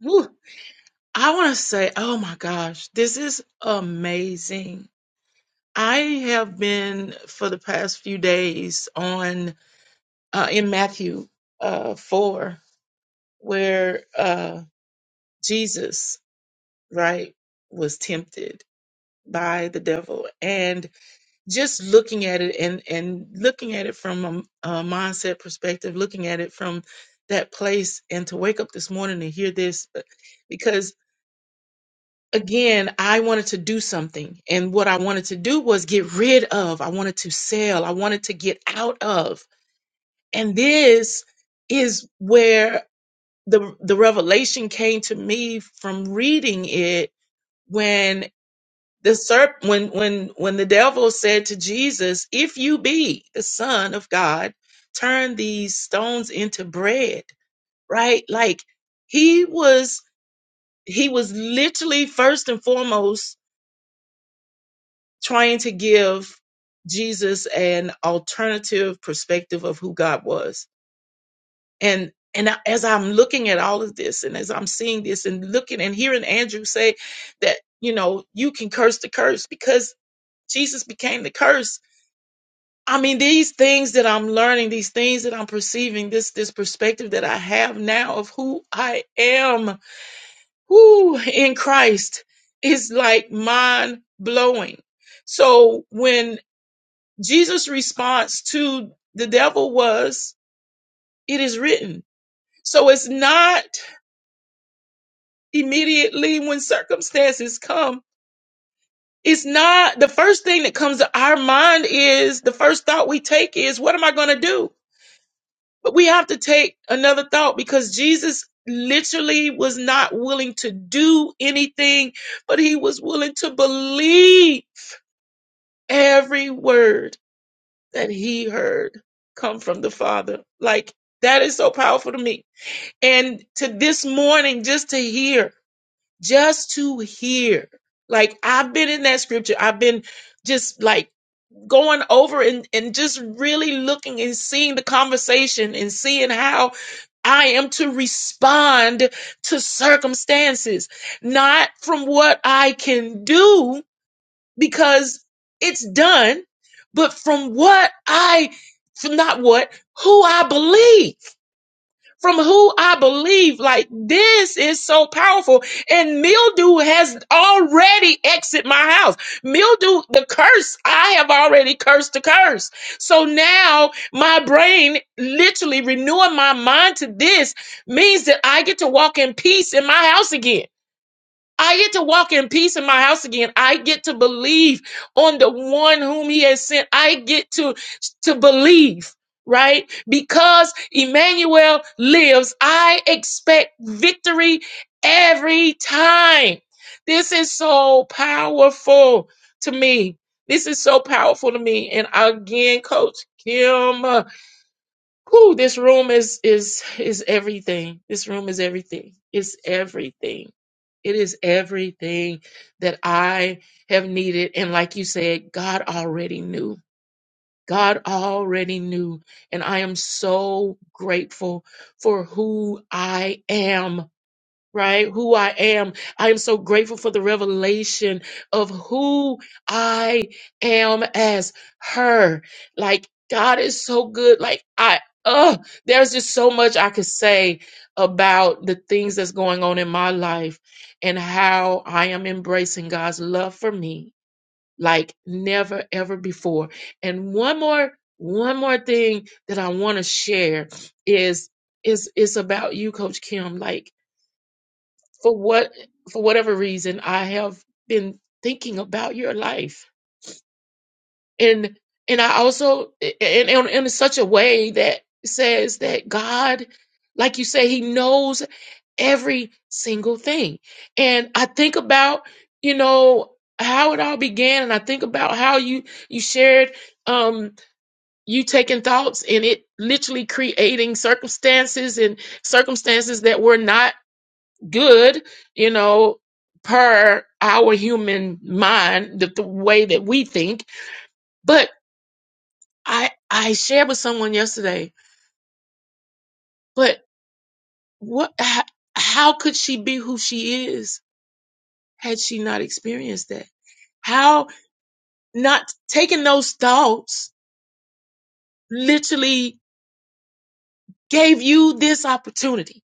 whew, I want to say, oh my gosh, this is amazing. I have been for the past few days on uh, in Matthew uh, 4, where uh, Jesus, right, was tempted by the devil. And just looking at it and, and looking at it from a, a mindset perspective, looking at it from that place, and to wake up this morning and hear this, uh, because again, I wanted to do something. And what I wanted to do was get rid of, I wanted to sell, I wanted to get out of. And this is where the the revelation came to me from reading it when the serp when when when the devil said to Jesus, "If you be the son of God, turn these stones into bread." Right? Like he was he was literally first and foremost trying to give Jesus an alternative perspective of who God was and and I- as i'm looking at all of this and as i'm seeing this and looking and hearing andrew say that you know you can curse the curse because jesus became the curse i mean these things that i'm learning these things that i'm perceiving this this perspective that i have now of who i am who in christ is like mind blowing so when jesus response to the devil was it is written so it's not immediately when circumstances come. It's not the first thing that comes to our mind is the first thought we take is, what am I going to do? But we have to take another thought because Jesus literally was not willing to do anything, but he was willing to believe every word that he heard come from the Father. Like that is so powerful to me. And to this morning, just to hear. just to hear. Like I've been in that scripture. I've been just like going over and, and just really looking and seeing the conversation and seeing how I am to respond to circumstances, not from what I can do because it's done, but from what I, from not what, who I believe from who I believe. Like this is so powerful. And mildew has already exited my house. Mildew, the curse, I have already cursed the curse. So now my brain literally renewing my mind to this means that I get to walk in peace in my house again. I get to walk in peace in my house again. I get to believe on the one whom he has sent. I get to to believe, right? Because Emmanuel lives, I expect victory every time. This is so powerful to me. This is so powerful to me. And again, Coach Kim. Whew, this room is is is everything. This room is everything. It's everything. It is everything that I have needed. And like you said, God already knew. God already knew. And I am so grateful for who I am right? Who I am. I am so grateful for the revelation of who I am as her. Like, God is so good. Like, I, uh, there's just so much I could say about the things that's going on in my life and how I am embracing God's love for me like never ever before. And one more one more thing that I want to share is is it's about you coach Kim like for what for whatever reason I have been thinking about your life and and I also and, and in such a way that says that God like you say he knows every single thing and I think about you know how it all began and I think about how you you shared um you taking thoughts and it literally creating circumstances and circumstances that were not good, you know, per our human mind, the, the way that we think. But I I shared with someone yesterday. But what? How, how could she be who she is had she not experienced that? How not taking those thoughts literally gave you this opportunity.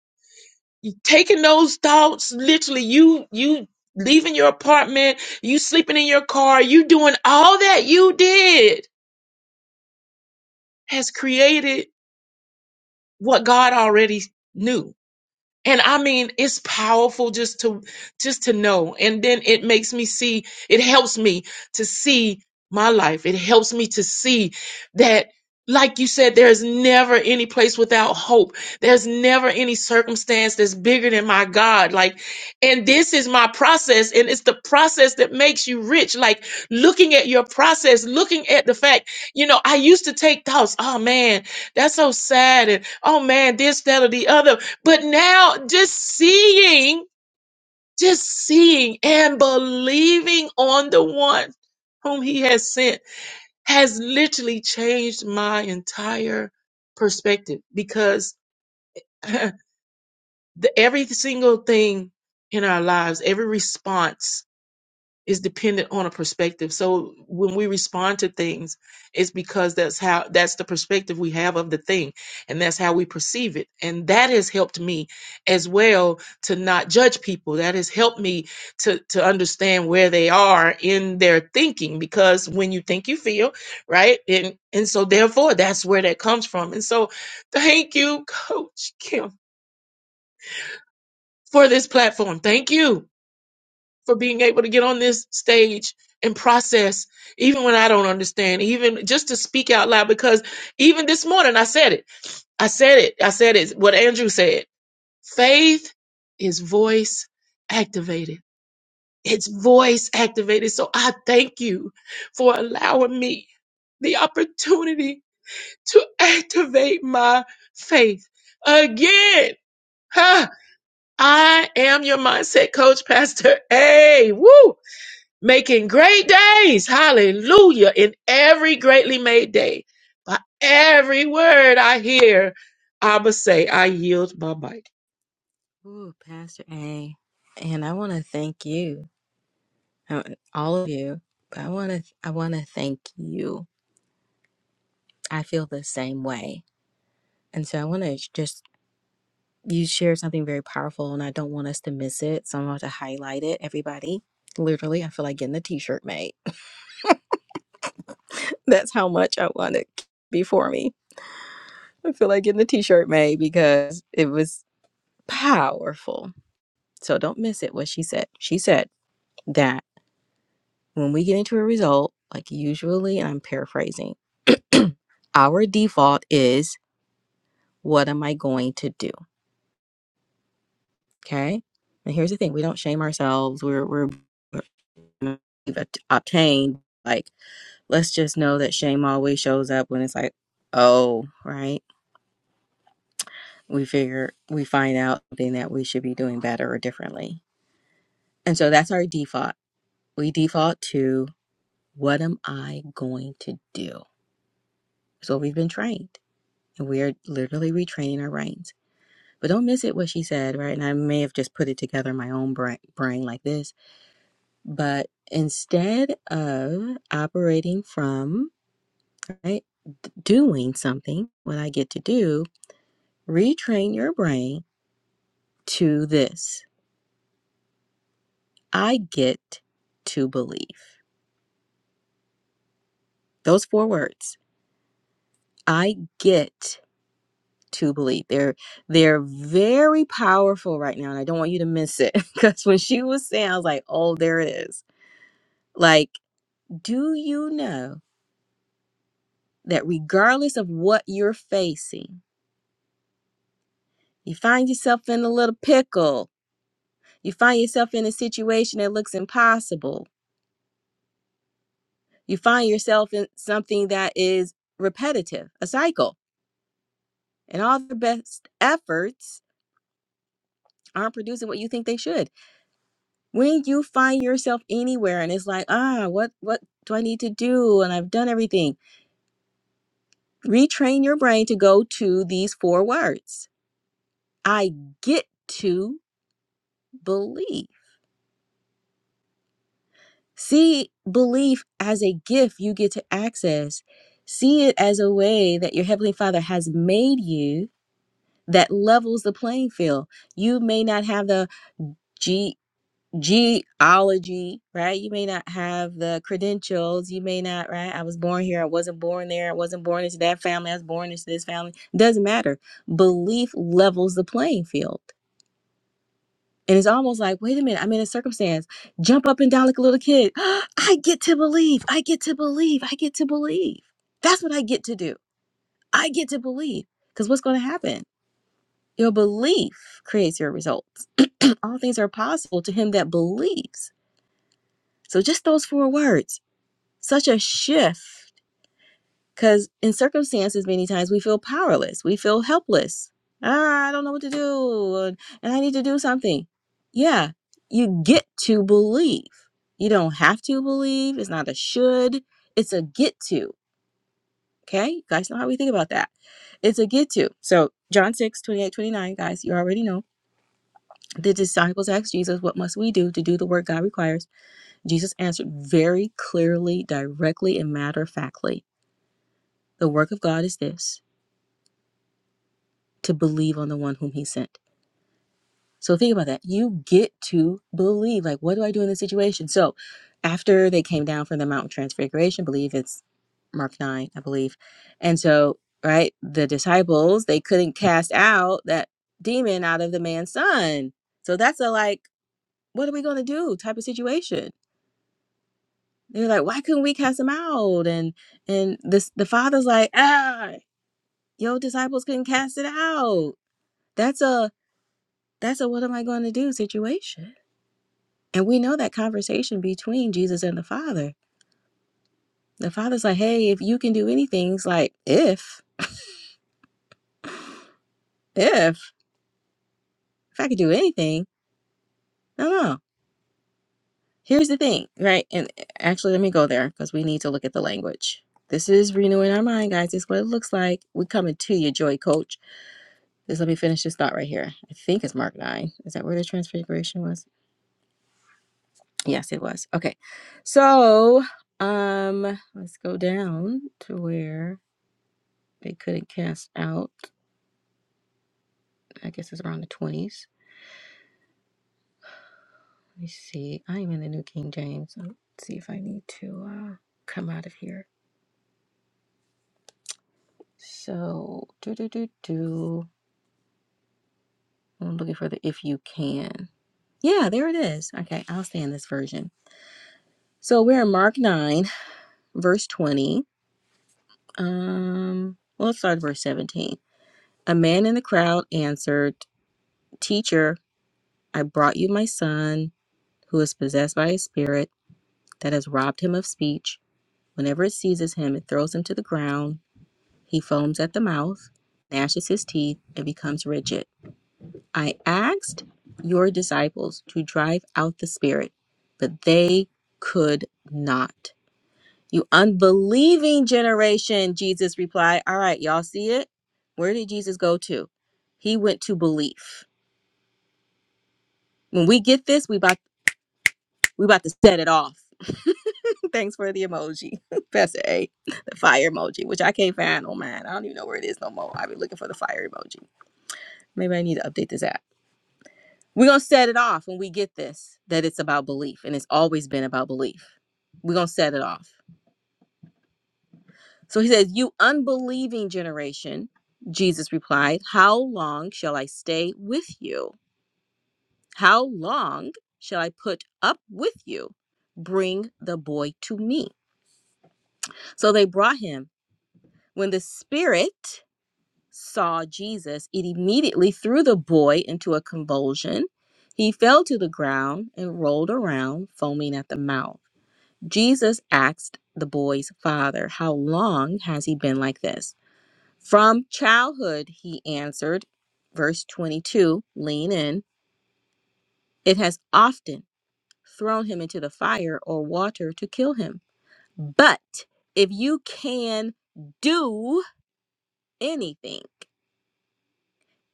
You taking those thoughts literally, you you leaving your apartment, you sleeping in your car, you doing all that you did has created what God already knew and i mean it's powerful just to just to know and then it makes me see it helps me to see my life it helps me to see that like you said there's never any place without hope there's never any circumstance that's bigger than my god like and this is my process and it's the process that makes you rich like looking at your process looking at the fact you know i used to take thoughts oh man that's so sad and oh man this that or the other but now just seeing, just seeing and believing on the one whom he has sent has literally changed my entire perspective because *laughs* the, every single thing in our lives, every response is dependent on a perspective. So when we respond to things, it's because that's how that's the perspective we have of the thing and that's how we perceive it. And that has helped me as well to not judge people. That has helped me to to understand where they are in their thinking because when you think you feel, right? And and so therefore that's where that comes from. And so thank you coach Kim for this platform. Thank you for being able to get on this stage and process, even when I don't understand, even just to speak out loud. Because even this morning, I said it. I said it. I said it. What Andrew said faith is voice activated. It's voice activated. So I thank you for allowing me the opportunity to activate my faith again. Huh? I am your mindset coach, Pastor A. Woo! making great days. Hallelujah. In every greatly made day. By every word I hear, I must say, I yield my mic.
Ooh, Pastor A. And I want to thank you. uh, all of you. But I want to I want to thank you. I feel the same way, and so I want to just you shared something very powerful, and I don't want us to miss it. So I'm going to highlight it, everybody. Literally, I feel like getting the T-shirt made. *laughs* That's how much I want it before me. I feel like getting the T-shirt made because it was powerful. So don't miss it. What she said. She said that when we get into a result, like usually, and I'm paraphrasing, *clears throat* our default is What am I going to do? Okay. And here's the thing: we don't shame ourselves. We're we're we've at- obtained. Like, let's just know that shame always shows up when it's like, oh, right. We figure we find out something that we should be doing better or differently, and so that's our default. We default to what am I going to do? So we've been trained, and we are literally retraining our brains. But don't miss it what she said, right? And I may have just put it together in my own bra- brain like this But instead of operating from, right, doing something, what I get to do, retrain your brain to this I get to believe. Those four words I get to believe. They're they're very powerful right now and I don't want you to miss it *laughs* because when she was saying I was like, "Oh, there it is." Like, do you know that regardless of what you're facing, you find yourself in a little pickle You find yourself in a situation that looks impossible. You find yourself in something that is repetitive, a cycle, and all the best efforts aren't producing what you think they should. When you find yourself anywhere and it's like, ah, what what do I need to do? And I've done everything. Retrain your brain to go to these four words. I get to believe. See belief as a gift you get to access. See it as a way that your Heavenly Father has made you that levels the playing field. You may not have the ge- geology, right? You may not have the credentials. You may not, right? I was born here. I wasn't born there. I wasn't born into that family. I was born into this family. Doesn't matter. Belief levels the playing field. And it's almost like, wait a minute, I'm in a circumstance. Jump up and down like a little kid. *gasps* I get to believe. I get to believe. I get to believe. That's what I get to do. I get to believe. Because what's going to happen? Your belief creates your results. *clears throat* All things are possible to him that believes. So just those four words, such a shift Because in circumstances, many times we feel powerless, we feel helpless. Ah, I don't know what to do, and I need to do something. Yeah, you get to believe. You don't have to believe. It's not a should, it's a get to. Okay, you guys know how we think about that. It's a get to. So, John 6 28 29, guys, you already know. The disciples asked Jesus, What must we do to do the work God requires? Jesus answered very clearly, directly, and matter of factly The work of God is this. to believe on the one whom he sent. So think about that. You get to believe. Like, what do I do in this situation? So after they came down from the mountain transfiguration, I believe it's Mark 9, I believe. And so, right, the disciples, they couldn't cast out that demon out of the man's son. So that's a like, what are we gonna do type of situation. They're like, why couldn't we cast him out? And and this the father's like, ah, your disciples couldn't cast it out. That's a That's a what am I going to do situation. And we know that conversation between Jesus and the Father. The Father's like, hey, if you can do anything, it's like, if, if, if I could do anything, no, no. Here's the thing, right? And eh, actually, let me go there because we need to look at the language. This is renewing our mind, guys. This is what it looks like. we coming to you, Joy Coach. Just let me finish this thought right here. I think it's Mark 9. Is that where the transfiguration was? Yes, it was. Okay. So, um, let's go down to where They couldn't cast out. I guess it's around the 20s. Let me see. I'm in the New King James. Let's see if I need to uh, come out of here. So, do do do do. I'm looking for the if you can. Yeah, there it is. Okay, I'll stay in this version. So we're in Mark 9, verse 20. Um, well, let's start at verse 17. A man in the crowd answered, Teacher, I brought you my son who is possessed by a spirit that has robbed him of speech. Whenever it seizes him, it throws him to the ground. He foams at the mouth, gnashes his teeth, and becomes rigid. I asked your disciples to drive out the spirit, but they could not. You unbelieving generation, Jesus replied. All right, y'all see it? Where did Jesus go to? He went to belief. When we get this, we about We about to set it off. *laughs* Thanks for the emoji, *laughs* Pastor A, the fire emoji, which I can't find on mine. I don't even know where it is no more. I've been looking for the fire emoji. Maybe I need to update this app. We're gonna set it off when we get this that it's about belief, and it's always been about belief. We're gonna set it off. So he says, "You unbelieving generation," Jesus replied, "How long shall I stay with you? How long shall I put up with you? Bring the boy to me." So they brought him When the spirit saw Jesus, it immediately threw the boy into a convulsion. He fell to the ground and rolled around, foaming at the mouth. Jesus asked the boy's father, How long has he been like this? From childhood, he answered. Verse 22, lean in. It has often thrown him into the fire or water to kill him. But if you can do anything.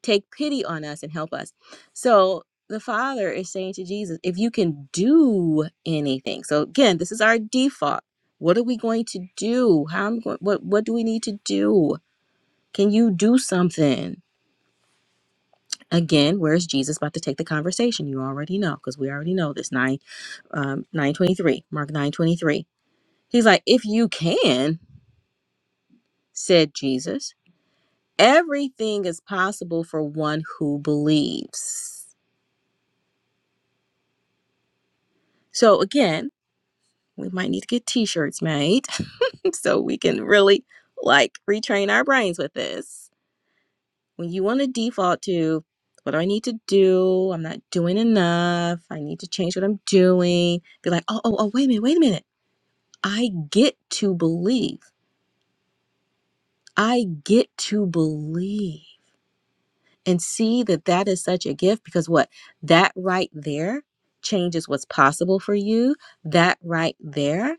take pity on us and help us. So the Father is saying to Jesus, if you can do anything. So again, this is our default. What are we going to do? How am I going what what do we need to do? Can you do something? Again, where's Jesus about to take the conversation? You already know, because we already know this. 9 um 923, Mark 923. He's like, if you can, said Jesus, everything is possible for one who believes. So again, We might need to get t-shirts made *laughs* so we can really like retrain our brains with this. When you want to default to what do I need to do? I'm not doing enough. I need to change what I'm doing. Be like, oh, oh, oh, wait a minute, wait a minute. I get to believe. I get to believe. and see that that is such a gift because what that right there changes what's possible for you that right there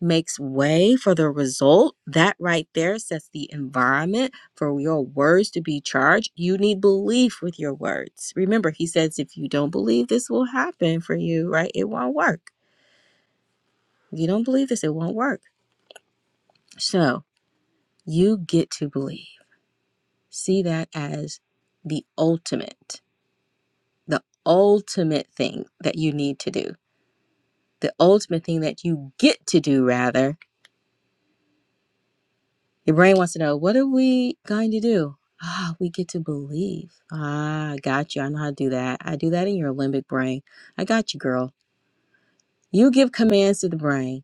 makes way for the result that right there sets the environment for your words to be charged you need belief with your words remember he says if you don't believe this will happen for you right it won't work if you don't believe this it won't work so you get to believe see that as the ultimate the ultimate thing that you need to do, the ultimate thing that you get to do, rather. Your brain wants to know, what are we going to do? Ah, we get to believe. Ah, I got you. I know how to do that. I do that in your limbic brain. I got you, girl. You give commands to the brain.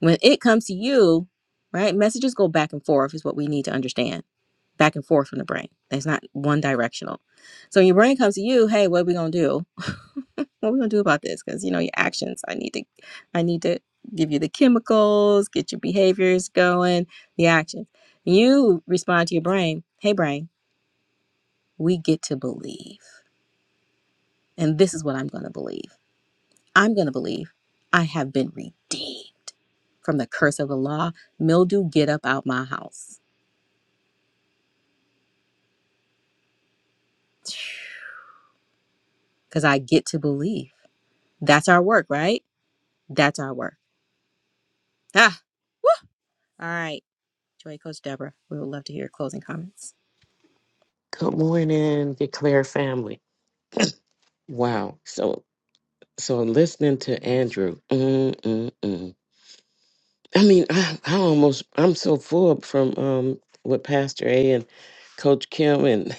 When it comes to you, right? Messages go back and forth, is what we need to understand. Back and forth from the brain. It's not one directional. So when your brain comes to you, hey, what are we going to do? what are we gonna do about this? Because you know your actions. I need to, I need to give you the chemicals, get your behaviors going, the actions. You respond to your brain. Hey, brain, we get to believe, and this is what I'm gonna believe. I'm gonna believe I have been redeemed from the curse of the law. Mildew, get up out my house, because I get to believe. That's our work, right? That's our work. Ah, all right. Joy Coach Deborah, we would love to hear your closing comments.
Good morning, Declare family. Wow. So, so listening to Andrew. Mm, mm, mm. I mean, I, I almost, I'm so full from um with Pastor A and Coach Kim and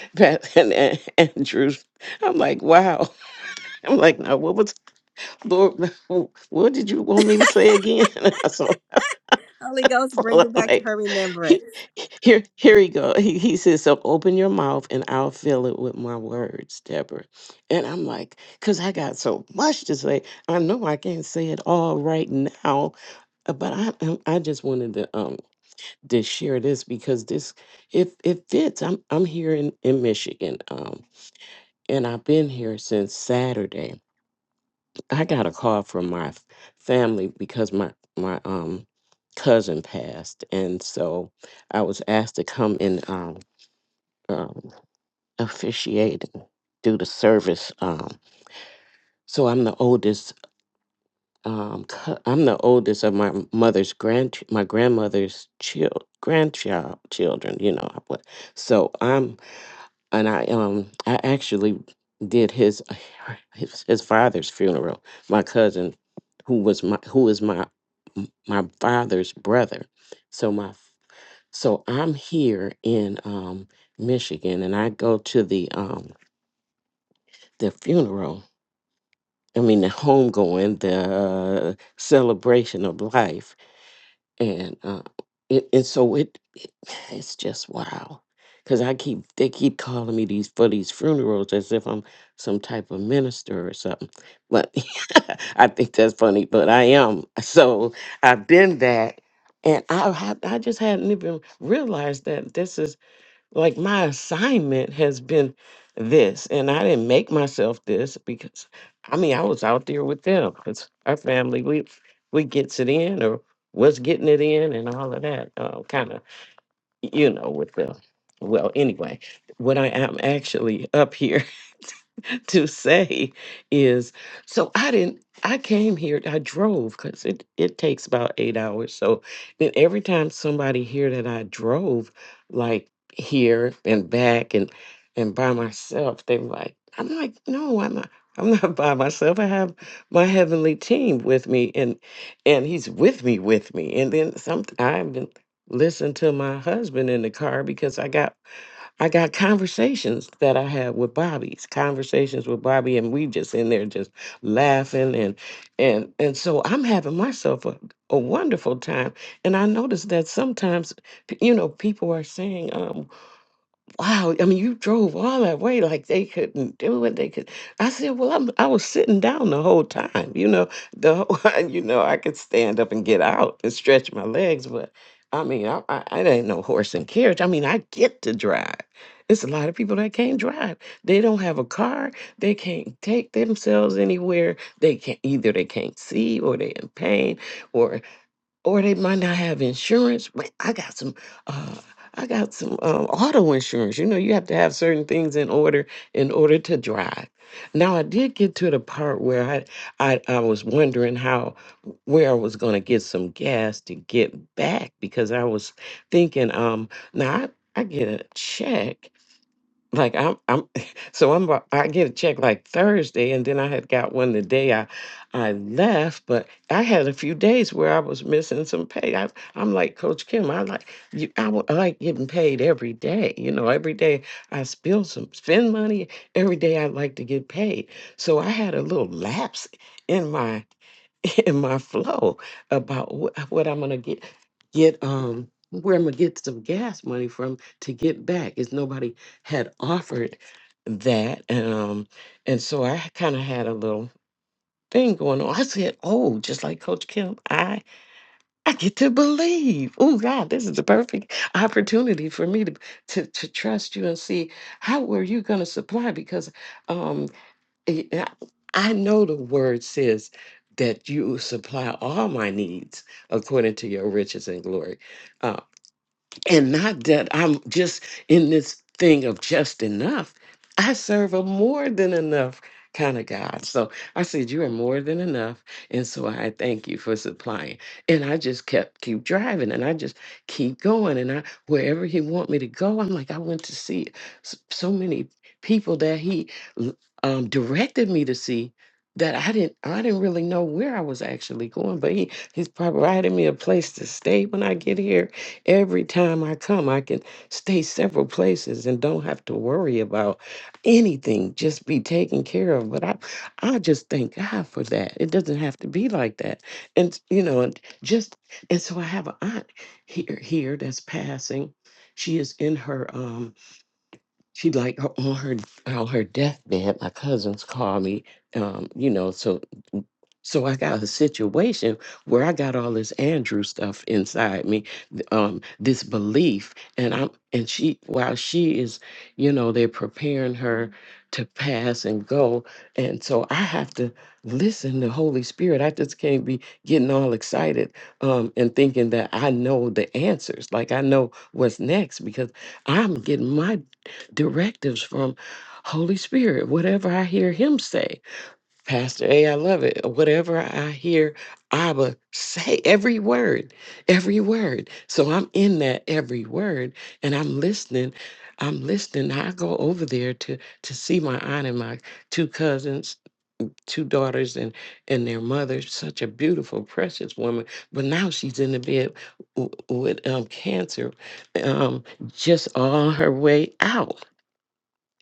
*laughs* Pat and, and Andrews. I'm like, wow. *laughs* I'm like, now what was Lord? *laughs* What did you want me to say again? *laughs* so
Holy Ghost, bring
I'm
it back to
like,
her
*laughs*
remembrance.
Here, here he go. He, he says, "So open your mouth, and I'll fill it with my words, Deborah." And I'm like, "Cause I got so much to say. I know I can't say it all right now, uh, but I, um, I just wanted to um to share this because this, it it fits. I'm I'm here in in Michigan, um, and I've been here since Saturday. I got a call from my f- family because my my um cousin passed, and so I was asked to come in um." um, officiating, do the service. Um, so I'm the oldest. Um, cou- I'm the oldest of my mother's grand, my grandmother's child, grandchild children. You know, what- so I'm, and I um, I actually did his *laughs* his, his father's funeral. My cousin, who was my who is my m- my father's brother. So my f- so I'm here in um Michigan, and I go to the um the funeral I mean, the homegoing, the uh, celebration of life, and uh, it, and so it, it it's just wow. Because I keep they keep calling me these for these funerals as if I'm some type of minister or something, but *laughs* I think that's funny. But I am. So I've been that, and I had I just hadn't even realized that this is like my assignment has been this and i didn't make myself this because i mean i was out there with them because our family we we gets it in or was getting it in and all of that uh, kind of you know with the well anyway when i am actually up here *laughs* to say is so I didn't I came here, I drove because it, it takes about eight hours. So then every time somebody here that I drove, like here and back and and by myself, they were like, I'm like, no, I'm not I'm not *laughs* by myself. I have my heavenly team with me and and he's with me with me. And then some I've been listening to my husband in the car because I got I got conversations that I had with Bobby's conversations with Bobby, and we just in there just laughing and and and so I'm having myself a, a wonderful time. And I noticed that sometimes, p- you know, people are saying. um, wow, I mean, you drove all that way like they couldn't do it. They could. I said, well, I'm, I was sitting down the whole time. You know, the whole, *laughs* you know, I could stand up and get out and stretch my legs, but I mean, I, I, I ain't no horse and carriage. I mean, I get to drive. It's a lot of people that can't drive. They don't have a car. They can't take themselves anywhere. They can't either. They can't see, or they're in pain, or or they might not have insurance. But I got some, uh, I got some um, auto insurance. You know, you have to have certain things in order in order to drive. Now, I did get to the part where I I, I was wondering how where I was going to get some gas to get back because I was thinking, um, now I, I get a check like I'm I'm *laughs* so I'm about- I get a check like Thursday and then I had got one the day I I left but I had a few days where I was missing some pay I, I'm like Coach Kim I like you, I, wa- I like getting paid every day you know every day I spill some spend money every day I like to get paid so I had a little lapse in my *laughs* in my flow about wh- what I'm gonna get get um where I'm gonna get some gas money from to get back. Is nobody had offered that. Um, and so I kind of had a little thing going on. I said, Oh, just like Coach Kim, I, I get to believe. Oh God, this is the perfect opportunity for me to, to, to trust you and see how were you going to supply? Because, um, eh, eh, I know the word says that you supply all my needs according to your riches and glory. Uh, and not that I'm just in this thing of just enough. I serve a more than enough kind of God. So I said, You are more than enough. And so I thank you for supplying. And I just kept keep driving and I just keep going. And I wherever he want me to go, I'm like, I went to see s- so many people that he l- um, directed me to see that I didn't I didn't really know where I was actually going. But he he's provided me a place to stay when I get here Every time I come, I can stay several places and don't have to worry about anything, just be taken care of. But I, I just thank God for that. It doesn't have to be like that. And, you know, and just, and so I have an aunt here, here that's passing. She is in her, um, she like her- on her, on her deathbed. My cousins call me, um, you know, so so I got a situation where I got all this Andrew stuff inside me, th- um, this belief, and I'm and she while she is, you know, they're preparing her to pass and go, and so I have to listen to Holy Spirit. I just can't be getting all excited um, and thinking that I know the answers, like I know what's next, because I'm getting my directives from Holy Spirit, whatever I hear Him say Pastor A, I love it. Whatever I hear Abba say, every word, every word. So I'm in that every word and I'm listening. I'm listening. I go over there to to see my aunt and my two cousins, two daughters and and their mother, such a beautiful, precious woman. But now she's in the bed w- with um cancer, um, just on her way out.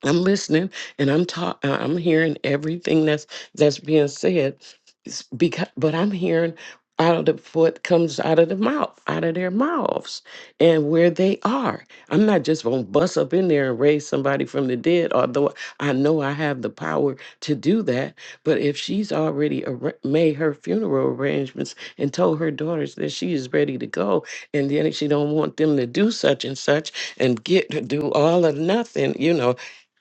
I'm listening and I'm talk uh, I'm hearing everything that's that's being said It's because but I'm hearing out of the what comes out of the mouth, out of their mouths and where they are. I'm not just gonna bust up in there and raise somebody from the dead, although I know I have the power to do that. But if she's already arra- made her funeral arrangements and told her daughters that she is ready to go, and then she don't want them to do such and such and get to do all or nothing, you know,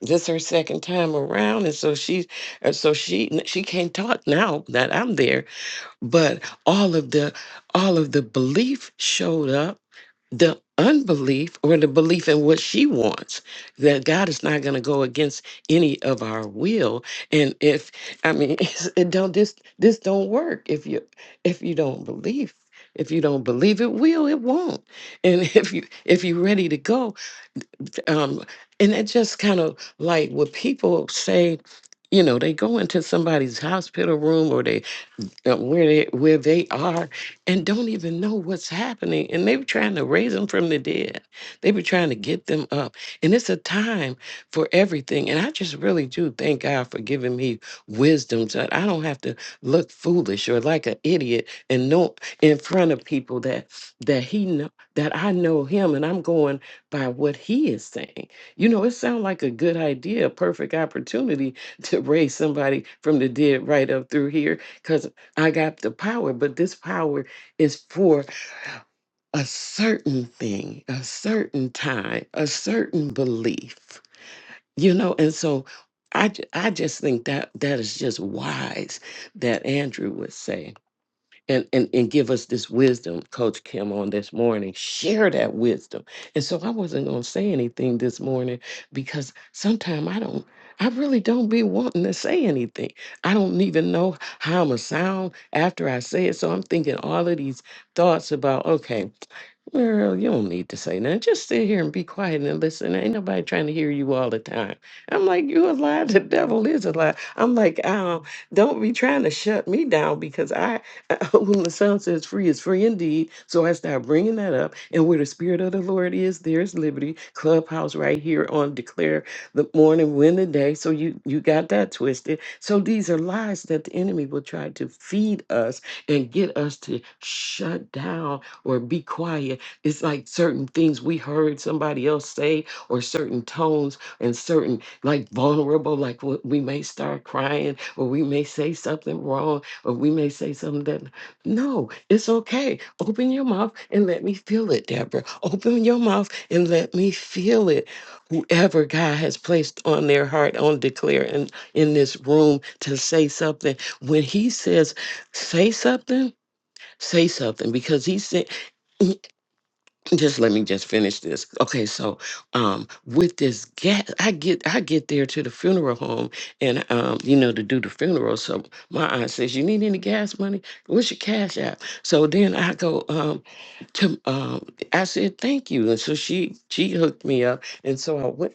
this her second time around, and so she's and so she she can't talk now that I'm there. But all of the all of the belief showed up the unbelief or the belief in what she wants that god is not going to go against any of our will and if i mean *laughs* it's- it don't this this don't work if you if you don't believe if you don't believe it will it won't and *laughs* if you if you're ready to go um, and it just kind of like what people say, you know, they go into somebody's hospital room or they uh, where they where they are and don't even know what's happening and they were trying to raise them from the dead they were trying to get them up and it's a time for everything and i just really do thank god for giving me wisdom so that i don't have to look foolish or like an idiot and know in front of people that that he know that i know him and i'm going by what he is saying you know it sounds like a good idea a perfect opportunity to raise somebody from the dead right up through here because. I got the power, but this power is for a certain thing, a certain time, a certain belief, you know. And so, I ju- I just think that that is just wise that Andrew would say and, and and give us this wisdom, Coach Kim, on this morning. Share that wisdom. And so I wasn't gonna say anything this morning because sometimes I don't, I really don't be wanting to say anything. I don't even know how I'ma sound after I say it. So I'm thinking all of these thoughts about, okay, Girl, you don't need to say nothing. Just sit here and be quiet and listen. Ain't nobody trying to hear you all the time. I'm like, you a lie. The devil is a lie. I'm like, um, don't be trying to shut me down because I, *laughs* when the son says free is free indeed. So I start bringing that up. And where the spirit of the Lord is, there's liberty. Clubhouse right here on Declare the Morning, Win the Day. So you, you got that twisted. So these are lies that the enemy will try to feed us and get us to shut down or be quiet it's like certain things we heard somebody else say or certain tones and certain like vulnerable like what we may start crying or we may say something wrong or we may say something that no it's okay open your mouth and let me feel it deborah open your mouth and let me feel it whoever god has placed on their heart on declare and in this room to say something when he says say something say something because he said just let me just finish this. Okay, so um with this gas I get I get there to the funeral home and um you know to do the funeral. So my aunt says, You need any gas money? What's your cash app? So then I go um to um I said thank you. And so she she hooked me up and so I went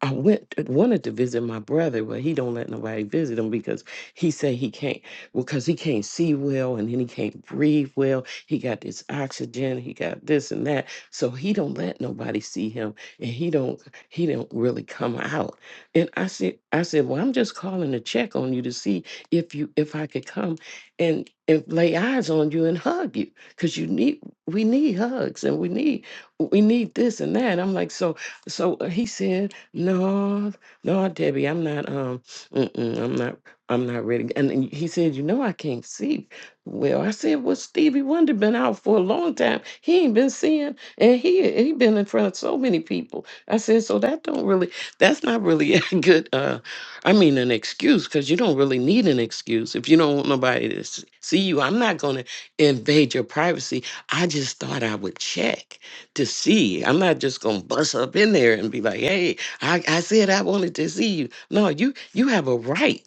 I went wanted to visit my brother, but he don't let nobody visit him because he say he can't because he can't see well and then he can't breathe well. He got this oxygen, he got this and that. So he don't let nobody see him and he don't he don't really come out. And I said I said, Well, I'm just calling to check on you to see if you if I could come and and lay eyes on you and hug you. Cause you need we need hugs and we need we need this and that. I'm like, so so uh, he said Lord, Lord, Debbie, I'm not, um, mm-mm, I'm not, I'm not ready. And and he said, you know, I can't see. Well, I said, well, Stevie Wonder been out for a long time. He ain't been seeing, and he he been in front of so many people. I said, so that don't really, that's not really *laughs* a good, uh, I mean, an excuse because you don't really need an excuse if you don't want nobody to s- see you. I'm not gonna invade your privacy. I just thought I would check to see. I'm not just gonna bust up in there and be like, hey. I, I said I wanted to see you. No, you you have a right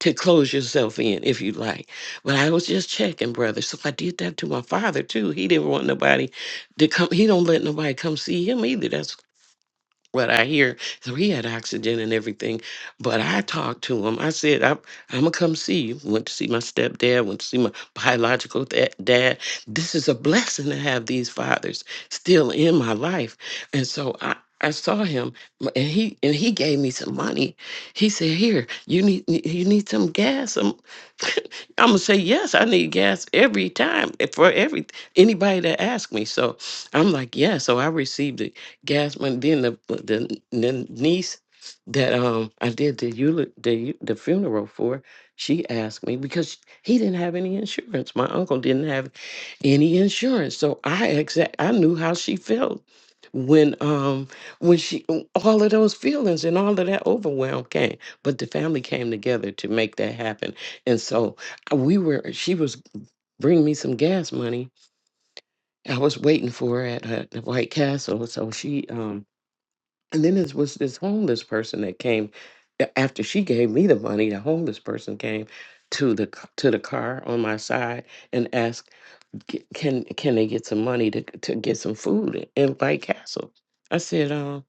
to close yourself in if you like. But I was just checking, brother. So I did that to my father too. He didn't want nobody to come. He don't let nobody come see him either. That's what I hear. So he had oxygen and everything. But I talked to him. I said, I'm, I'm going to come see you. Went to see my stepdad, went to see my biological da- dad. This is a blessing to have these fathers still in my life. And so I, I saw him m- and he and he gave me some money. He said, "Here, you need y- you need some gas." I'm, *laughs* I'm gonna say yes. I need gas every time eh, for every anybody that asks me. So I'm like, yeah. So I received it gas money. Then the uh, the, the niece that um I did the eula- the eu- the funeral for, she asked me because he didn't have any insurance. My uncle didn't have any insurance, so I exact I knew how she felt when um when she all of those feelings and all of that overwhelm came but the family came together to make that happen and so uh, we were she was bringing me some gas money i was waiting for her at, at the white castle so she um and then there was this homeless person that came a- after she gave me the money. The homeless person came to the c- to the car on my side and asked, "G- "Can can they get some money to to get some food in White Castle?" I said, um,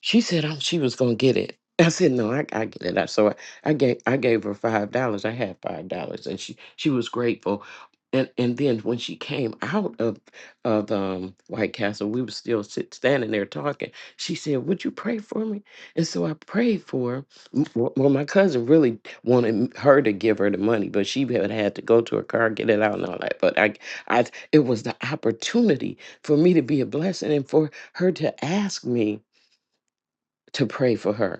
she said oh, she was gonna get it. I said no, I, I get it. I, so I, I gave I gave her five dollars. I had five dollars, and she she was grateful. And and then when she came out of of um, White Castle, we were still sit, standing there talking. She said, "Would you pray for me?" And so I prayed for her. M- w- Well, my cousin really wanted m- her to give her the money, but she had had to go to her car, get it out, and all that. But I, I, it was the opportunity for me to be a blessing and for her to ask me to pray for her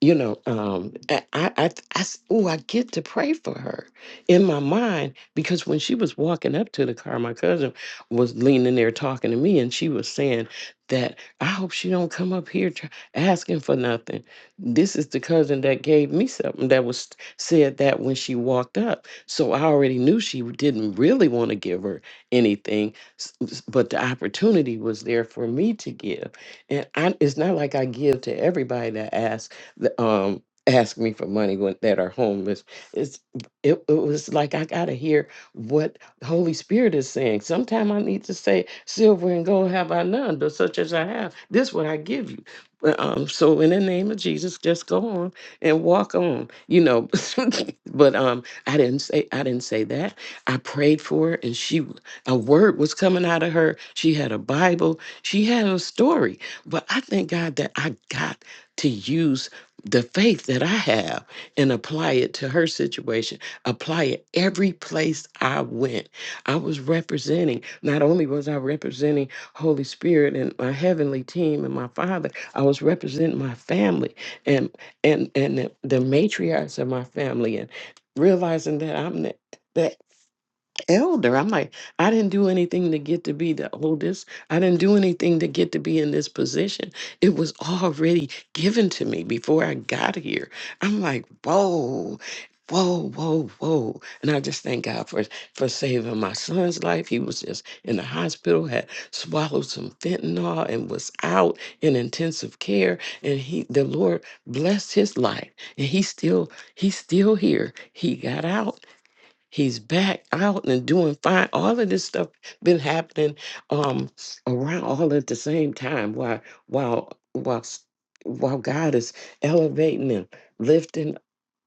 you know um i i i, I oh i get to pray for her in my mind because when she was walking up to the car my cousin was leaning there talking to me and she was saying that i hope she don't come up here tr- asking for nothing this is the cousin that gave me something that was said that when she walked up so i already knew she didn't really want to give her anything s- s- but the opportunity was there for me to give and I, it's not like i give to everybody that asks th- um ask me for money when, that are homeless it's it, it was like i gotta hear what the holy spirit is saying sometime i need to say silver and gold have i none but such as i have this what i give you But, um so in the name of jesus just go on and walk on you know *laughs* but um i didn't say i didn't say that i prayed for her and she a word was coming out of her she had a bible she had a story but i thank god that i got to use the faith that I have and apply it to her situation, apply it every place I went. I was representing, not only was I representing Holy Spirit and my heavenly team and my father, I was representing my family and and and the, the matriarchs of my family and realizing that I'm the. the elder. I'm like, I didn't do anything to get to be the oldest. I didn't do anything to get to be in this position. It was already given to me before I got here. I'm like, whoa. Whoa, whoa, whoa. And I just thank God for for saving my son's life. He was just in the hospital, had swallowed some fentanyl and was out in intensive care. And he the Lord blessed his life. And he's still he's still here. He got out He's back out and doing fine. All of this stuff been happening um around all at the same time while while while s- while God is elevating and lifting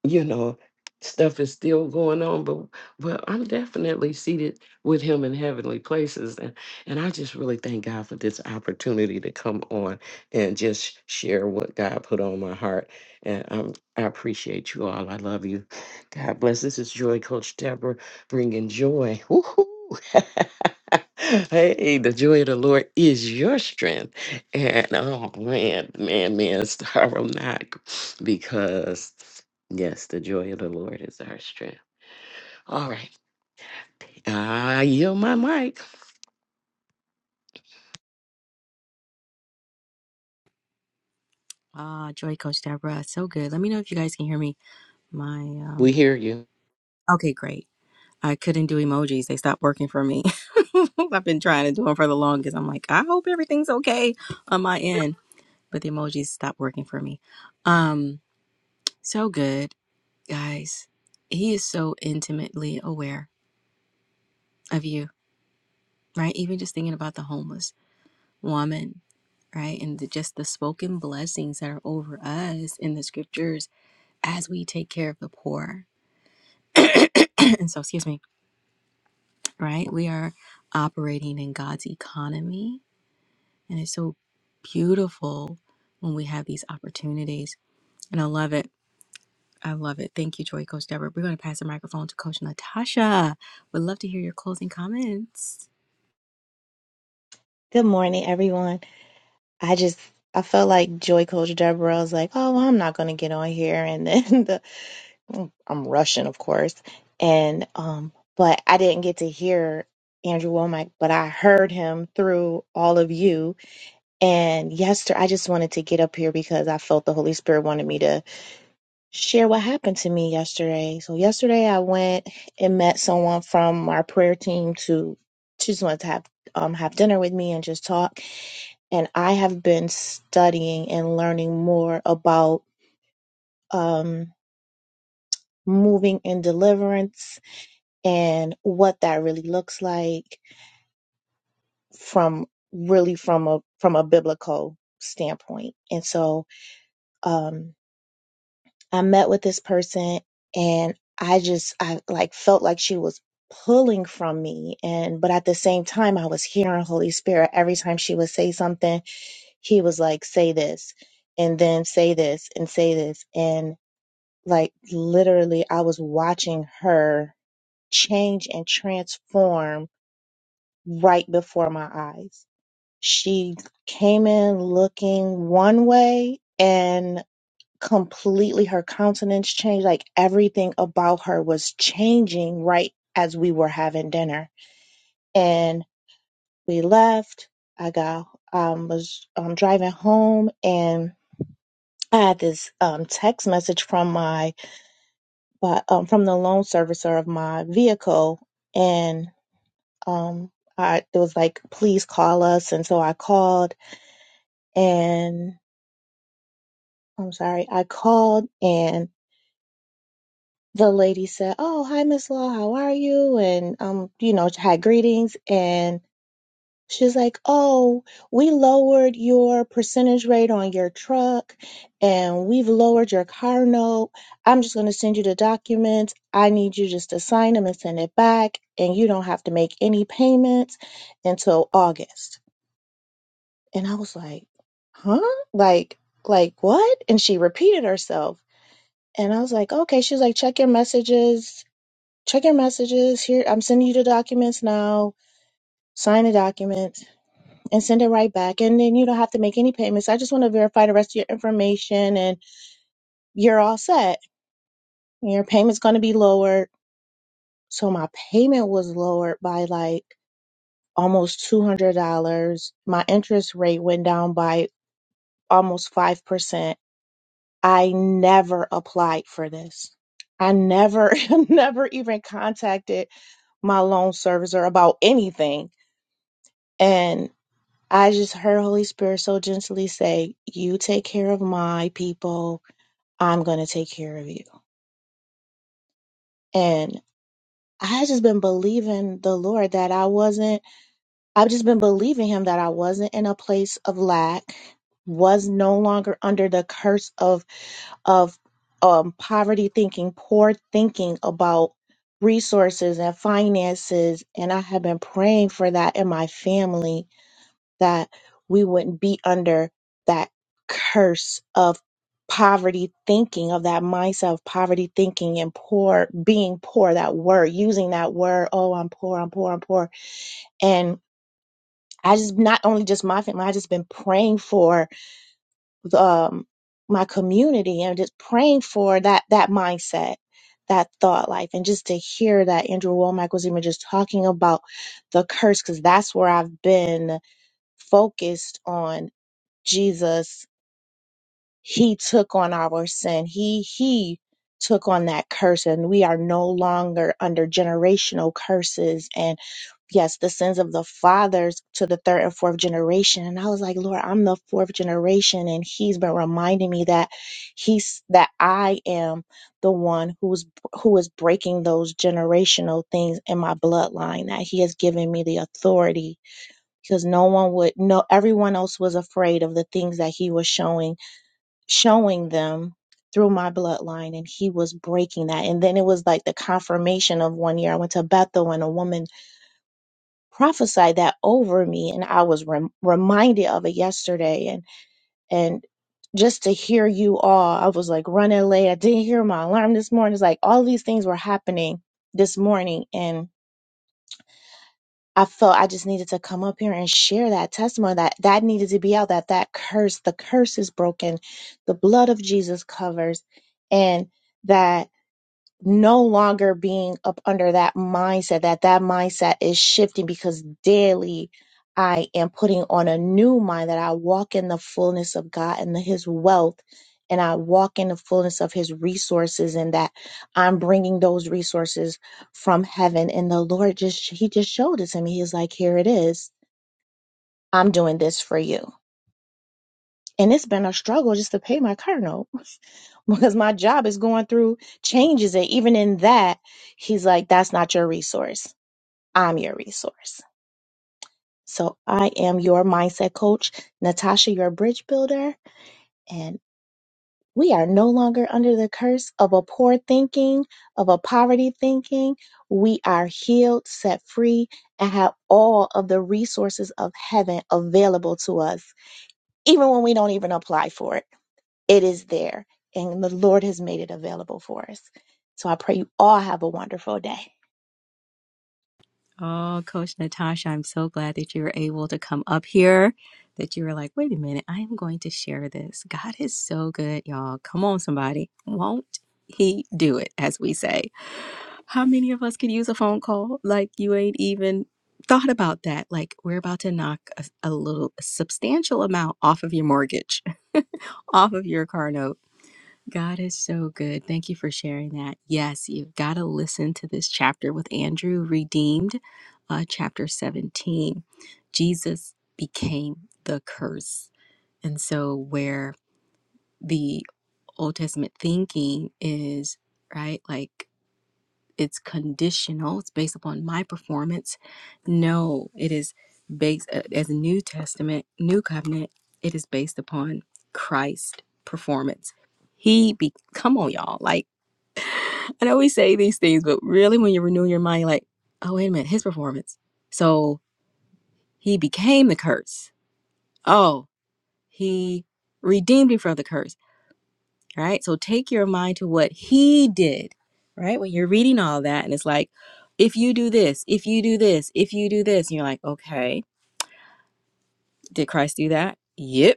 you know, stuff is still going on, but well, I'm definitely seated with him in heavenly places. And and I just really thank God for this opportunity to come on and just share what God put on my heart. And um, I appreciate you all. I love you. God bless. This is Joy Coach Deborah bringing joy. Woo-hoo. *laughs* hey, the joy of the Lord is your strength. And oh man, man, man, *laughs* sorrow not because Yes, the joy of the Lord is our strength. All right. I yield my mic.
Ah, Joy Coach Deborah. So good. Let me know if you guys can hear me. My
We
um
hear you.
okay, great. I couldn't do emojis. They stopped working for me. *laughs* I've been trying to do them for the longest. I'm like, I hope everything's okay on my end. But the emojis stopped working for me. Um, so good, guys. He is so intimately aware of you, right? Even just thinking about the homeless woman, right? And the, just the spoken blessings that are over us in the scriptures as we take care of the poor. *clears throat* and so, excuse me right? We are operating in God's economy. And it's so beautiful when we have these opportunities. And I love it. I love it. Thank you, Joy Coach Deborah. We're going to pass the microphone to Coach Natasha. Would love to hear your closing comments.
Good morning, everyone. I just I felt like Joy Coach Deborah was like, "Oh, well, I'm not going to get on here," and then *laughs* the mm, I'm rushing, of course, and um, but I didn't get to hear Andrew Womack, but I heard him through all of you. And yesterday, I just wanted to get up here because I felt the Holy Spirit wanted me to share what happened to me yesterday. So yesterday, I went and met someone from our prayer team to she just wanted to have um have dinner with me and just talk and I have been studying and learning more about um, moving in deliverance and what that really looks like from really from a from a biblical standpoint. And so um, I met with this person, and I just I like felt like she was pulling from me and but at the same time I was hearing Holy Spirit every time she would say something he was like say this and then say this and say this. And Like literally, I was watching her change and transform right before my eyes. She came in looking one way and completely her countenance changed. Like everything about her was changing right as we were having dinner. And we left. I got, um, was um, driving home and I had this um, text message from my by, um, from the loan servicer of my vehicle, and um, I it was like, please call us, and so I called, and I'm sorry, I called, and the lady said, "Oh, hi, Miss Law, how are you?" And um, you know, had greetings, and. She's like, Oh, we lowered your percentage rate on your truck and we've lowered your car note. I'm just going to send you the documents. I need you just to sign them and send it back. And you don't have to make any payments until August. And I was like, Huh? Like, like what? And she repeated herself. And I was like, Okay. She's like, Check your messages. Check your messages. Here, I'm sending you the documents now. Sign the documents and send it right back. And then you don't have to make any payments. I just want to verify the rest of your information and you're all set. Your payment's going to be lowered. So my payment was lowered by like almost $200. My interest rate went down by almost 5%. I never applied for this. I never, *laughs* never even contacted my loan servicer about anything. And I just heard Holy Spirit so gently say, You take care of my people I'm going to take care of you. And I had just been believing the Lord that I wasn't, I've just been believing Him that I wasn't in a place of lack, was no longer under the curse of, of um, poverty thinking, poor thinking about resources and finances. And I have been praying for that in my family that we wouldn't be under that curse of poverty thinking of that mindset of poverty thinking and poor being poor that word using that word oh i'm poor i'm poor i'm poor and i just not only just my family i just been praying for the, um, my community and just praying for that that mindset that thought life and just to hear that andrew womack was even just talking about the curse because that's where i've been focused on Jesus, he took on our sin. He he took on that curse and we are no longer under generational curses and yes, the sins of the fathers to the third and fourth generation. And I was like, Lord, I'm the fourth generation. And he's been reminding me that he's, that I am the one who's, who is breaking those generational things in my bloodline, that he has given me the authority because no one would no everyone else was afraid of the things that he was showing showing them through my bloodline and he was breaking that and then it was like the confirmation of one year i went to bethel and a woman prophesied that over me and i was rem- reminded of it yesterday and and just to hear you all i was like running late i didn't hear my alarm this morning it's like all these things were happening this morning and I felt I just needed to come up here and share that testimony that that needed to be out that that curse, the curse is broken, the blood of Jesus covers, and that no longer being up under that mindset that that mindset is shifting because daily i am putting on a new mind that i walk in the fullness of god and his wealth and i walk in the fullness of his resources and that i'm bringing those resources from heaven and the lord just he just showed it to me he's like here it is i'm doing this for you and it's been a struggle just to pay my car note *laughs* because my job is going through changes. And even in that, he's like, that's not your resource. I'm your resource. So I am your mindset coach, Natasha, your bridge builder. And we are no longer under the curse of a poor thinking, of a poverty thinking. We are healed, set free, and have all of the resources of heaven available to us, even when we don't even apply for it. It is there, and the Lord has made it available for us. So I pray you all have a wonderful day.
Oh, Coach Natasha, I'm so glad that you were able to come up here. That you were like, wait a minute, I am going to share this. God is so good, y'all. Come on, somebody. Won't he do it, as we say? How many of us could use a phone call? Like, you ain't even thought about that. Like, we're about to knock a, a little a substantial amount off of your mortgage, *laughs* off of your car note. God is so good. Thank you for sharing that. Yes, you've got to listen to this chapter with Andrew, redeemed, uh, chapter 17. Jesus became the curse. And so, where the Old Testament thinking is, right, like it's conditional, it's based upon my performance. No, it is based, uh, as a New Testament, New Covenant, it is based upon Christ performance. He be come on y'all like I know we say these things, but really, when you renew your mind, you're like, oh, wait a minute, his performance. So he became the curse. Oh, he redeemed him from the curse, right? So take your mind to what he did, right? When you're reading all that, and it's like, if you do this, if you do this, if you do this, and you're like, okay, did Christ do that? Yep.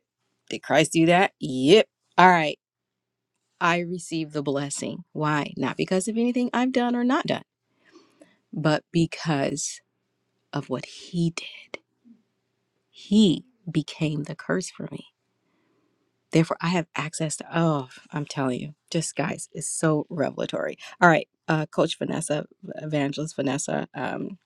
Did Christ do that? Yep. All right. I receive the blessing. Why? Not because of anything I've done or not done, but because of what he did. He became the curse for me. Therefore, I have access to, oh, I'm telling you, just guys, it's so revelatory. All right, uh, Coach Vanessa, Evangelist Vanessa, um,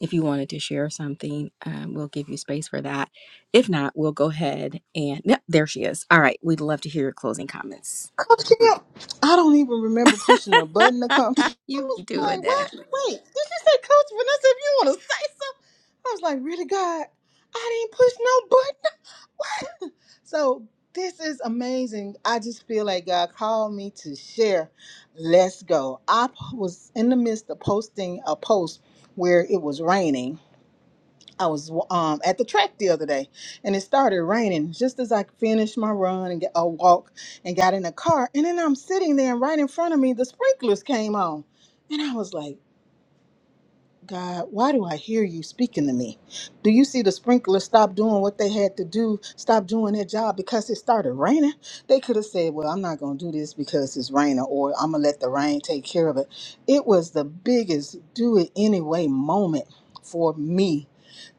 if you wanted to share something, um, we'll give you space for that. If not, we'll go ahead and, yep, there she is. All right, we'd love to hear your closing comments.
Come I don't even remember pushing a button to come. *laughs*
*laughs*
I
you
was
be
like,
doing that.
what? Wait, did you say Coach Vanessa? If you want to say something, I was like, really, God, I didn't push no button. *laughs* What? So this is amazing. I just feel like God called me to share. Let's go. I p- was in the midst of posting a post where it was raining I was um, at the track the other day and it started raining just as I finished my run and get, a walk and got in the car. And then I'm sitting there and right in front of me, the sprinklers came on. And I was like, God, why do I hear you speaking to me? Do you see the sprinklers stop doing what they had to do, stop doing their job because it started raining? They could have said, Well, I'm not going to do this because it's raining, or I'm going to let the rain take care of it. It was the biggest do it anyway moment for me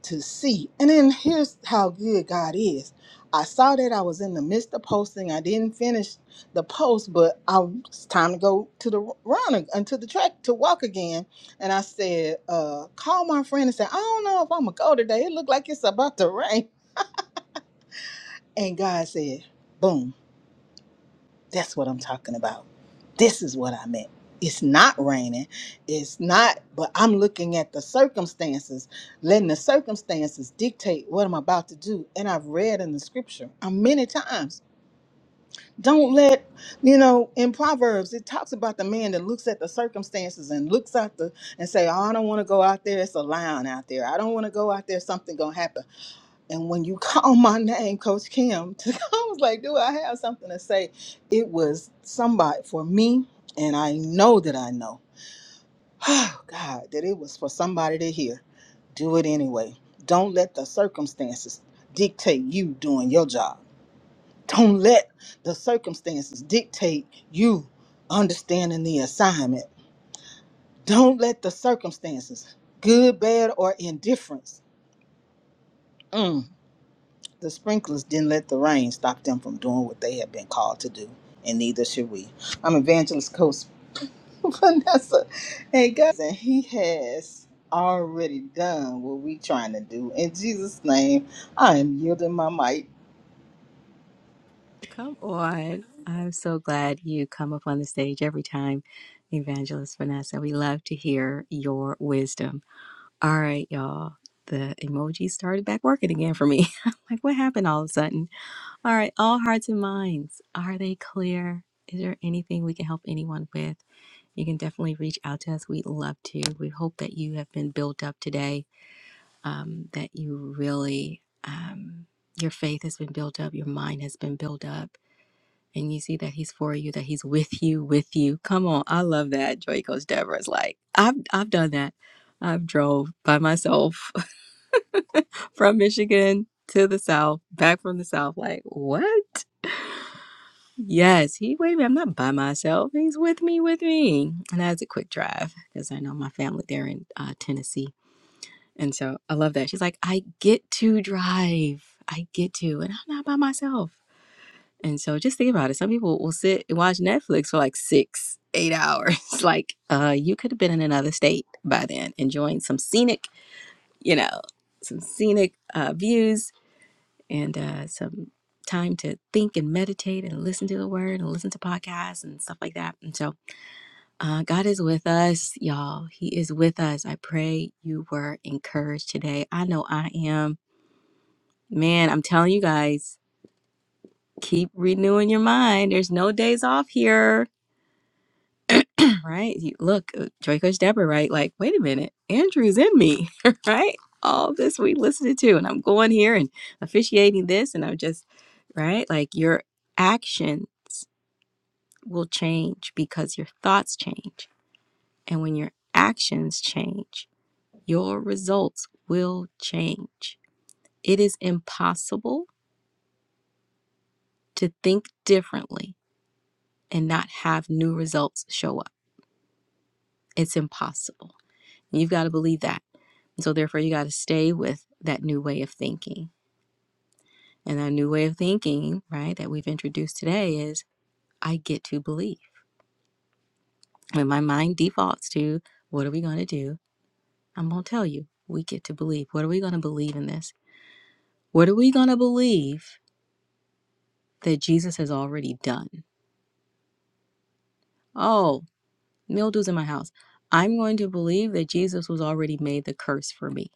to see. And then here's how good God is. I saw that I was in the midst of posting. I didn't finish the post, but I, it's time to go to the run and to the track to walk again and I said, uh, call my friend and say, I don't know if I'm gonna go today. It looked like it's about to rain. And God said, Boom, that's what I'm talking about. This is what I meant. It's not raining. It's not, but I'm looking at the circumstances, letting the circumstances dictate what I'm about to do. And I've read in the scripture uh, many times Don't let, you know, in Proverbs, it talks about the man that looks at the circumstances and looks out the and say, oh, I don't want to go out there. It's a lion out there. I don't want to go out there. Something going to happen. And when you *laughs* call my name, Coach Kim, *laughs* I was like, do I have something to say? It was somebody for me. And I know that I know, *sighs* oh, God, that it was for somebody to hear. Do it anyway. Don't let the circumstances dictate you doing your job don't let the circumstances dictate you understanding the assignment. Don't let the circumstances, good, bad, or indifference, mm, the sprinklers didn't let the rain stop them from doing what they have been called to do, and neither should we. I'm evangelist coach *laughs* Vanessa, and guys, and He has already done what we trying to do. In Jesus' name, I am yielding my mic.
Come on. I'm so glad you come up on the stage every time, Evangelist Vanessa. We love to hear your wisdom. All right, y'all. The emoji started back working again for me. *laughs* I'm like, what happened all of a sudden? All right, all hearts and minds. Are they clear? Is there anything we can help anyone with? you can definitely reach out to us. We'd love to. We hope that you have been built up today, um, that you really, um, your faith has been built up, your mind has been built up, and you see that he's for you, that he's with you, with you. Come on, I love that. Joy Coach Deborah's like, I've I've done that. I've drove by myself *laughs* from Michigan to the South, back from the South. Like, what? Yes, he wait a minute, I'm not by myself. He's with me, with me. And that's a quick drive because I know my family there in uh, Tennessee. And so I love that. She's like, I get to drive. I get to, and I'm not by myself. And so just think about it. Some people will sit and watch Netflix for like six, eight hours. *laughs* like uh, you could have been in another state by then, enjoying some scenic, you know, some scenic uh, views and uh, some time to think and meditate and listen to the word and listen to podcasts and stuff like that. And so uh, God is with us, y'all. He is with us. I pray you were encouraged today. I know I am. Man, I'm telling you guys, keep renewing your mind. There's no days off here right? You, look, uh, Joy Coach Deborah, right? Like, wait a minute, Andrew's in me, *laughs* right? All this we listened to, and I'm going here and officiating this, and I'm just, right? Like, your action will change because your thoughts change. And when your actions change, your results will change. It is impossible to think differently and not have new results show up. It's impossible. You've got to believe that So therefore you got to stay with that new way of thinking. And that new way of thinking, right, that we've introduced today is I get to believe. When my mind defaults to what are we going to do? I'm going to tell you. We get to believe. What are we going to believe in this? What are we going to believe that Jesus has already done? Oh, mildew's in my house. I'm going to believe that Jesus was already made the curse for me.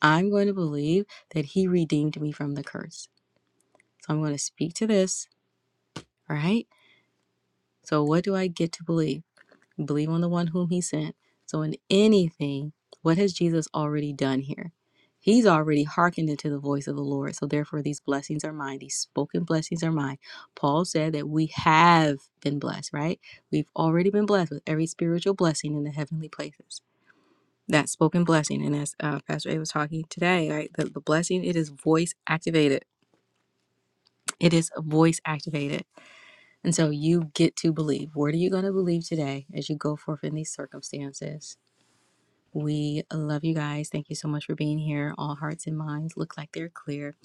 I'm going to believe that he redeemed me from the curse. So I'm going to speak to this, right? So, what do I get to believe? Believe on the one whom he sent. So, in anything, what has Jesus already done here? He's already hearkened into the voice of the Lord. So, therefore, these blessings are mine. These spoken blessings are mine. Paul said that we have been blessed, right? We've already been blessed with every spiritual blessing in the heavenly places. That spoken blessing, and as uh, Pastor A was talking today, right? The, the blessing, it is voice activated. It is voice activated. And so you get to believe. What are you going to believe today as you go forth in these circumstances? We love you guys. Thank you so much for being here. All hearts and minds look like they're clear.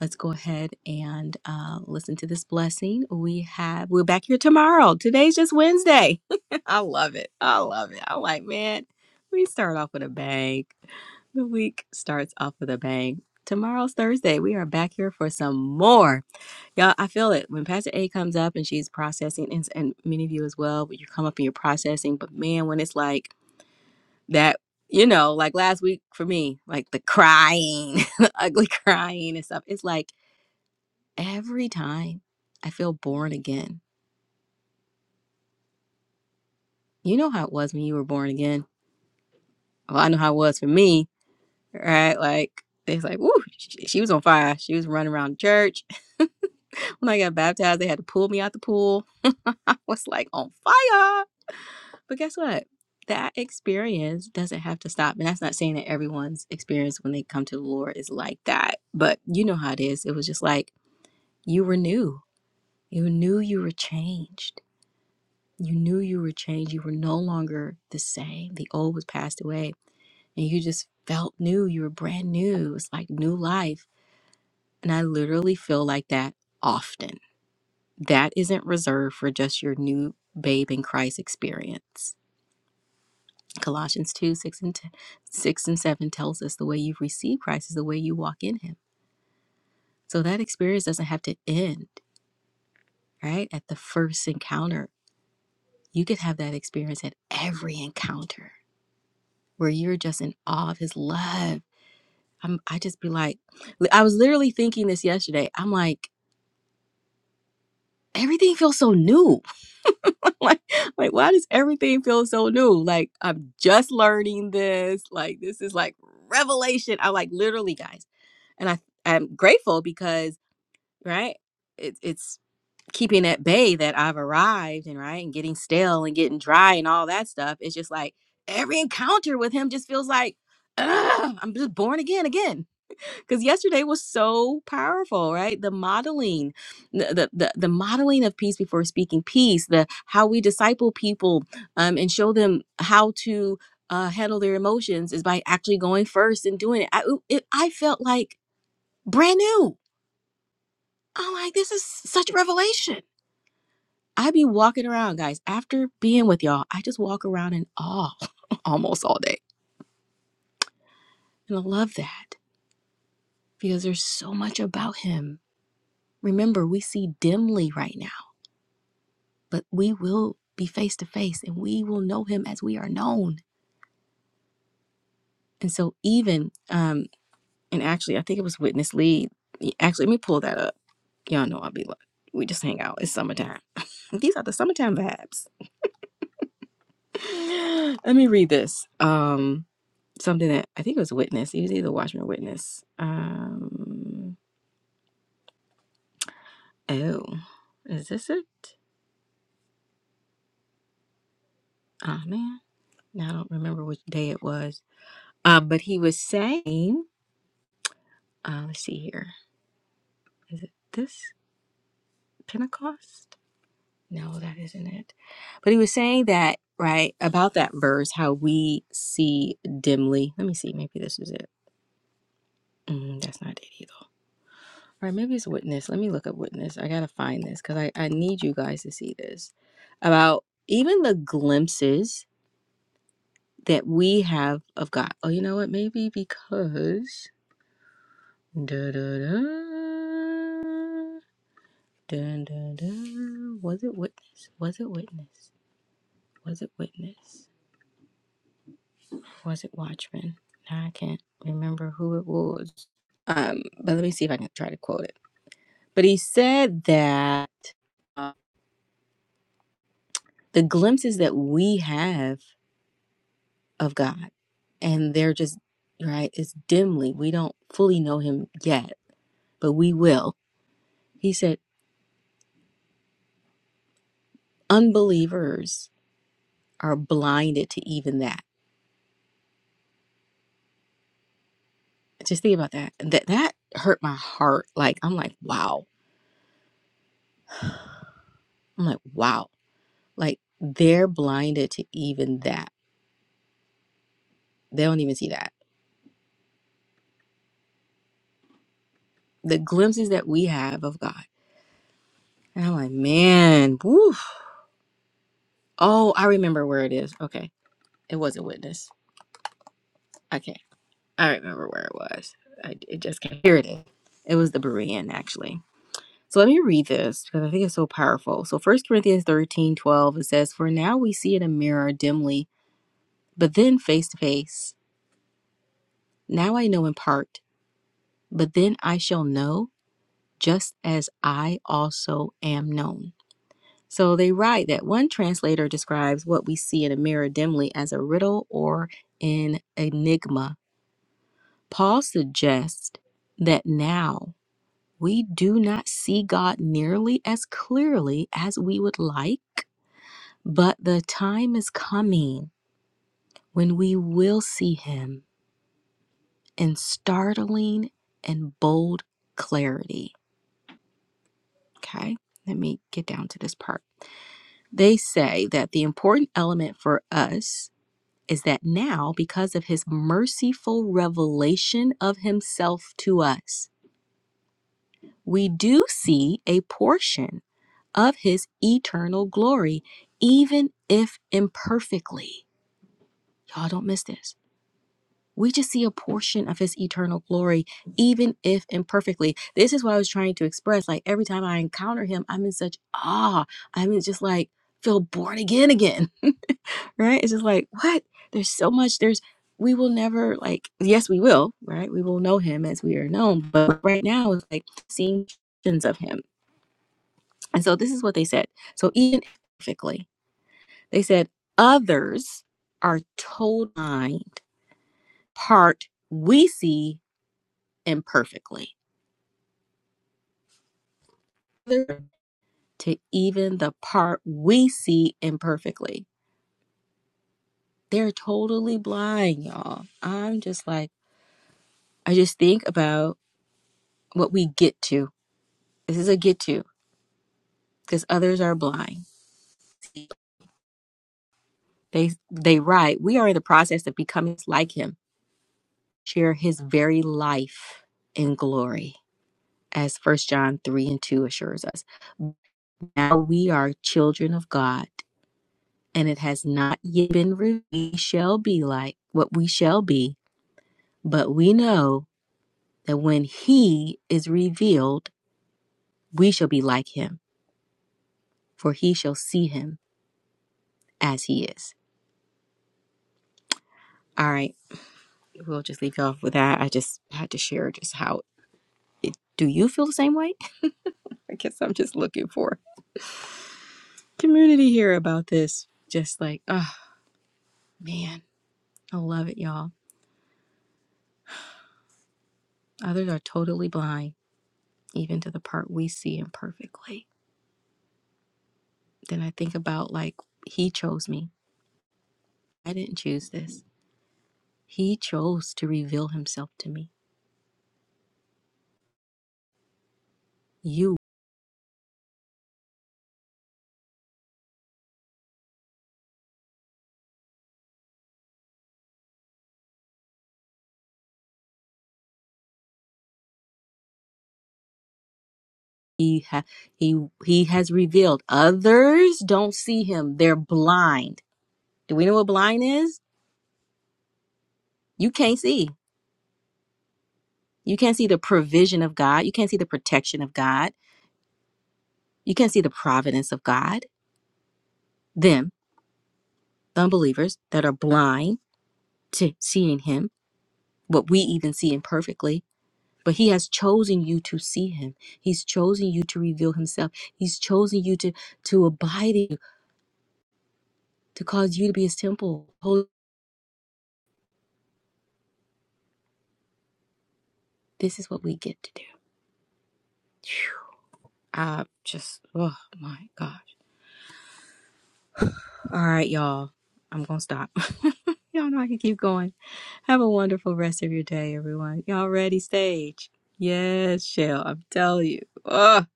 Let's go ahead and uh, listen to this blessing. We have, we're back here tomorrow. Today's just Wednesday. *laughs* I love it. I love it. I'm like, man, we start off with a bang. The week starts off with a bang. Tomorrow's Thursday. We are back here for some more. Yeah, I feel it. When Pastor A comes up and she's processing, and, and many of you as well, when you come up and you're processing, but man, when it's like that, you know, like last week for me, like the crying, *laughs* the ugly crying and stuff, it's like every time I feel born again. You know how it was when you were born again? Well, I know how it was for me, right? Like, it's like, woo, she, she was on fire. She was running around church. *laughs* When I got baptized, they had to pull me out the pool. *laughs* I was like on fire. But guess what? That experience doesn't have to stop. And that's not saying that everyone's experience when they come to the Lord is like that. But you know how it is. It was just like you were new. You knew you were changed. You knew you were changed. You were no longer the same. The old was passed away. And you just felt new. You were brand new. It's like new life. And I literally feel like that often That isn't reserved for just your new babe in Christ experience. Colossians 2 6 and, t- 6 and 7 tells us the way you've received Christ is the way you walk in Him. So that experience doesn't have to end, right? At the first encounter, you could have that experience at every encounter where you're just in awe of His love. I'm, I just be like, I was literally thinking this yesterday. I'm like, everything feels so new *laughs* like like why does everything feel so new like i'm just learning this like this is like revelation i like literally guys and i i'm grateful because right it's it's keeping at bay that i've arrived and right and getting stale and getting dry and all that stuff it's just like every encounter with him just feels like "Ugh, i'm just born again again because yesterday was so powerful right the modeling the, the the modeling of peace before speaking peace the how we disciple people um and show them how to uh handle their emotions is by actually going first and doing it i it, i felt like brand new i'm like this is such revelation i be walking around guys after being with y'all i just walk around in awe *laughs* almost all day and i love that because there's so much about him remember we see dimly right now but we will be face to face and we will know him as we are known. And so, even, um, and actually, I think it was Witness Lee. Actually, let me pull that up. Y'all know I'll be like, we just hang out. It's summertime. *laughs* These are the summertime vibes. *gasps* *laughs* let me read this. Um, something that I think it was Witness. He was either Watchman or Witness. Um, oh, is this it? Oh, man. Now I don't remember which day it was. Uh, but he was saying, uh, let's see here. Is it this? Pentecost? No, that isn't it. But he was saying that, right, about that verse, how we see dimly. Let me see. Maybe this is it. Mm, that's not it either. All right, maybe it's witness. Let me look up witness. I got to find this because I, I need you guys to see this. About even the glimpses that we have of God. Oh, you know what? Maybe because. Da, da, da, da, da, da. Was it witness? Was it witness? Was it witness? Was it Watchmen? Now I can't remember who it was. Um, but let me see if I can try to quote it. But he said that the glimpses that we have of God, and they're just right, it's dimly. We don't fully know him yet, but we will. He said unbelievers are blinded to even that. Just think about that. That that hurt my heart. Like I'm like, wow. I'm like, wow. Like they're blinded to even that. They don't even see that the glimpses that we have of God. And I'm like, man, woof. Oh, I remember where it is. Okay. It wasn't witness. Okay. I remember where it was. I, it just came. Here it is. It was the Berean, actually. So let me read this because I think it's so powerful. So First Corinthians 13 12 it says, For now we see in a mirror dimly, but then face to face. Now I know in part, but then I shall know just as I also am known. So they write that one translator describes what we see in a mirror dimly as a riddle or an enigma. Paul suggests that now we do not see God nearly as clearly as we would like, but the time is coming when we will see him in startling and bold clarity. Okay, let me get down to this part. They say that the important element for us is that now, because of his merciful revelation of himself to us, we do see a portion of his eternal glory, even if imperfectly. Y'all don't miss this. We just see a portion of his eternal glory, even if imperfectly. This is what I was trying to express. Like every time I encounter him, I'm in such awe. I'm in just like, feel born again again. right? It's just like, what? There's so much. There's, we will never like, yes, we will, right? We will know him as we are known. But right now, it's like seeing visions of him. And so this is what they said. So even perfectly, they said, others are told mind part we see imperfectly to even the part we see imperfectly. They're totally blind, y'all. I'm just like, I just think about what we get to This is a get to because others are blind. They they write, we are in the process of becoming like him, share his very life in glory, as first John three and two assures us. Now we are children of God, and it has not yet been revealed we shall be like what we shall be, but we know that when he is revealed, we shall be like him, for he shall see him as he is. All right. We'll just leave you off with that. I just had to share just how It- Do you feel the same way? *laughs* I guess I'm just looking for community here about this. Just like, oh man, I love it, y'all. Others are totally blind, even to the part we see imperfectly. Then I think about like, he chose me. I didn't choose this. He chose to reveal himself to me. You, he ha- he he has revealed. Others don't see him. They're blind. Do we know what blind is? You can't see. You can't see the provision of God. You can't see the protection of God You can see the providence of God, them, the unbelievers that are blind to seeing Him, what we even see imperfectly. But He has chosen you to see Him. He's chosen you to reveal Himself. He's chosen you to to abide in you, to cause you to be His temple. Holy- This is what we get to do. Phew. I just, oh my gosh. All right, y'all. I'm gonna stop. *laughs* y'all know I can keep going. Have a wonderful rest of your day, everyone. Y'all ready, stage? Yes, Shell, I'm telling you. Ugh.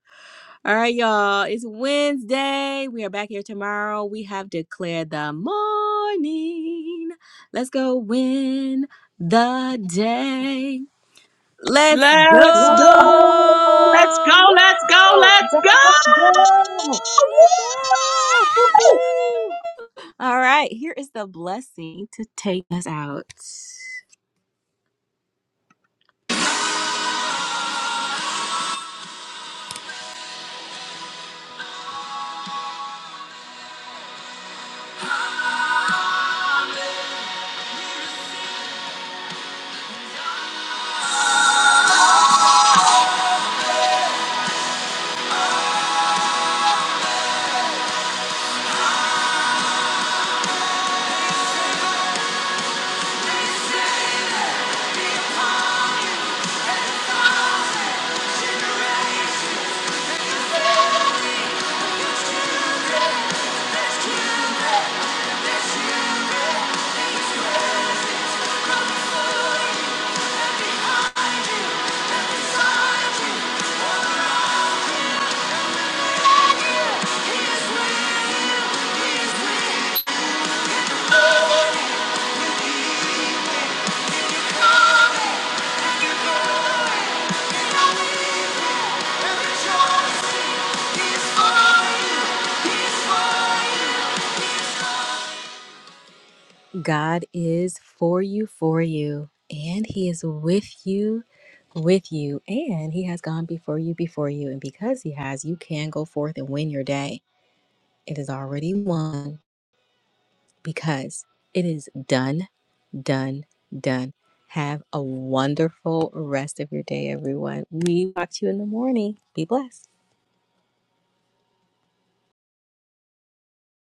All right, y'all. It's Wednesday. We are back here tomorrow. We have declared the morning. Let's go win the day. Let's
Let's
Yes,
go
yes,
go. Let's go.
Woo!
Let's go.
Oh,
Let's
yes,
girl,
yes.
go.
let's go! Woo-hoo.
to take us out. He's mine. He's mine. God is for you, for you, and He is with you, with you, and He has gone before you, before you. And because He has, you can go forth and win your day. It is already won because it is done, done, done. Have a wonderful rest of your day, everyone. We talk to you in the morning. Be blessed.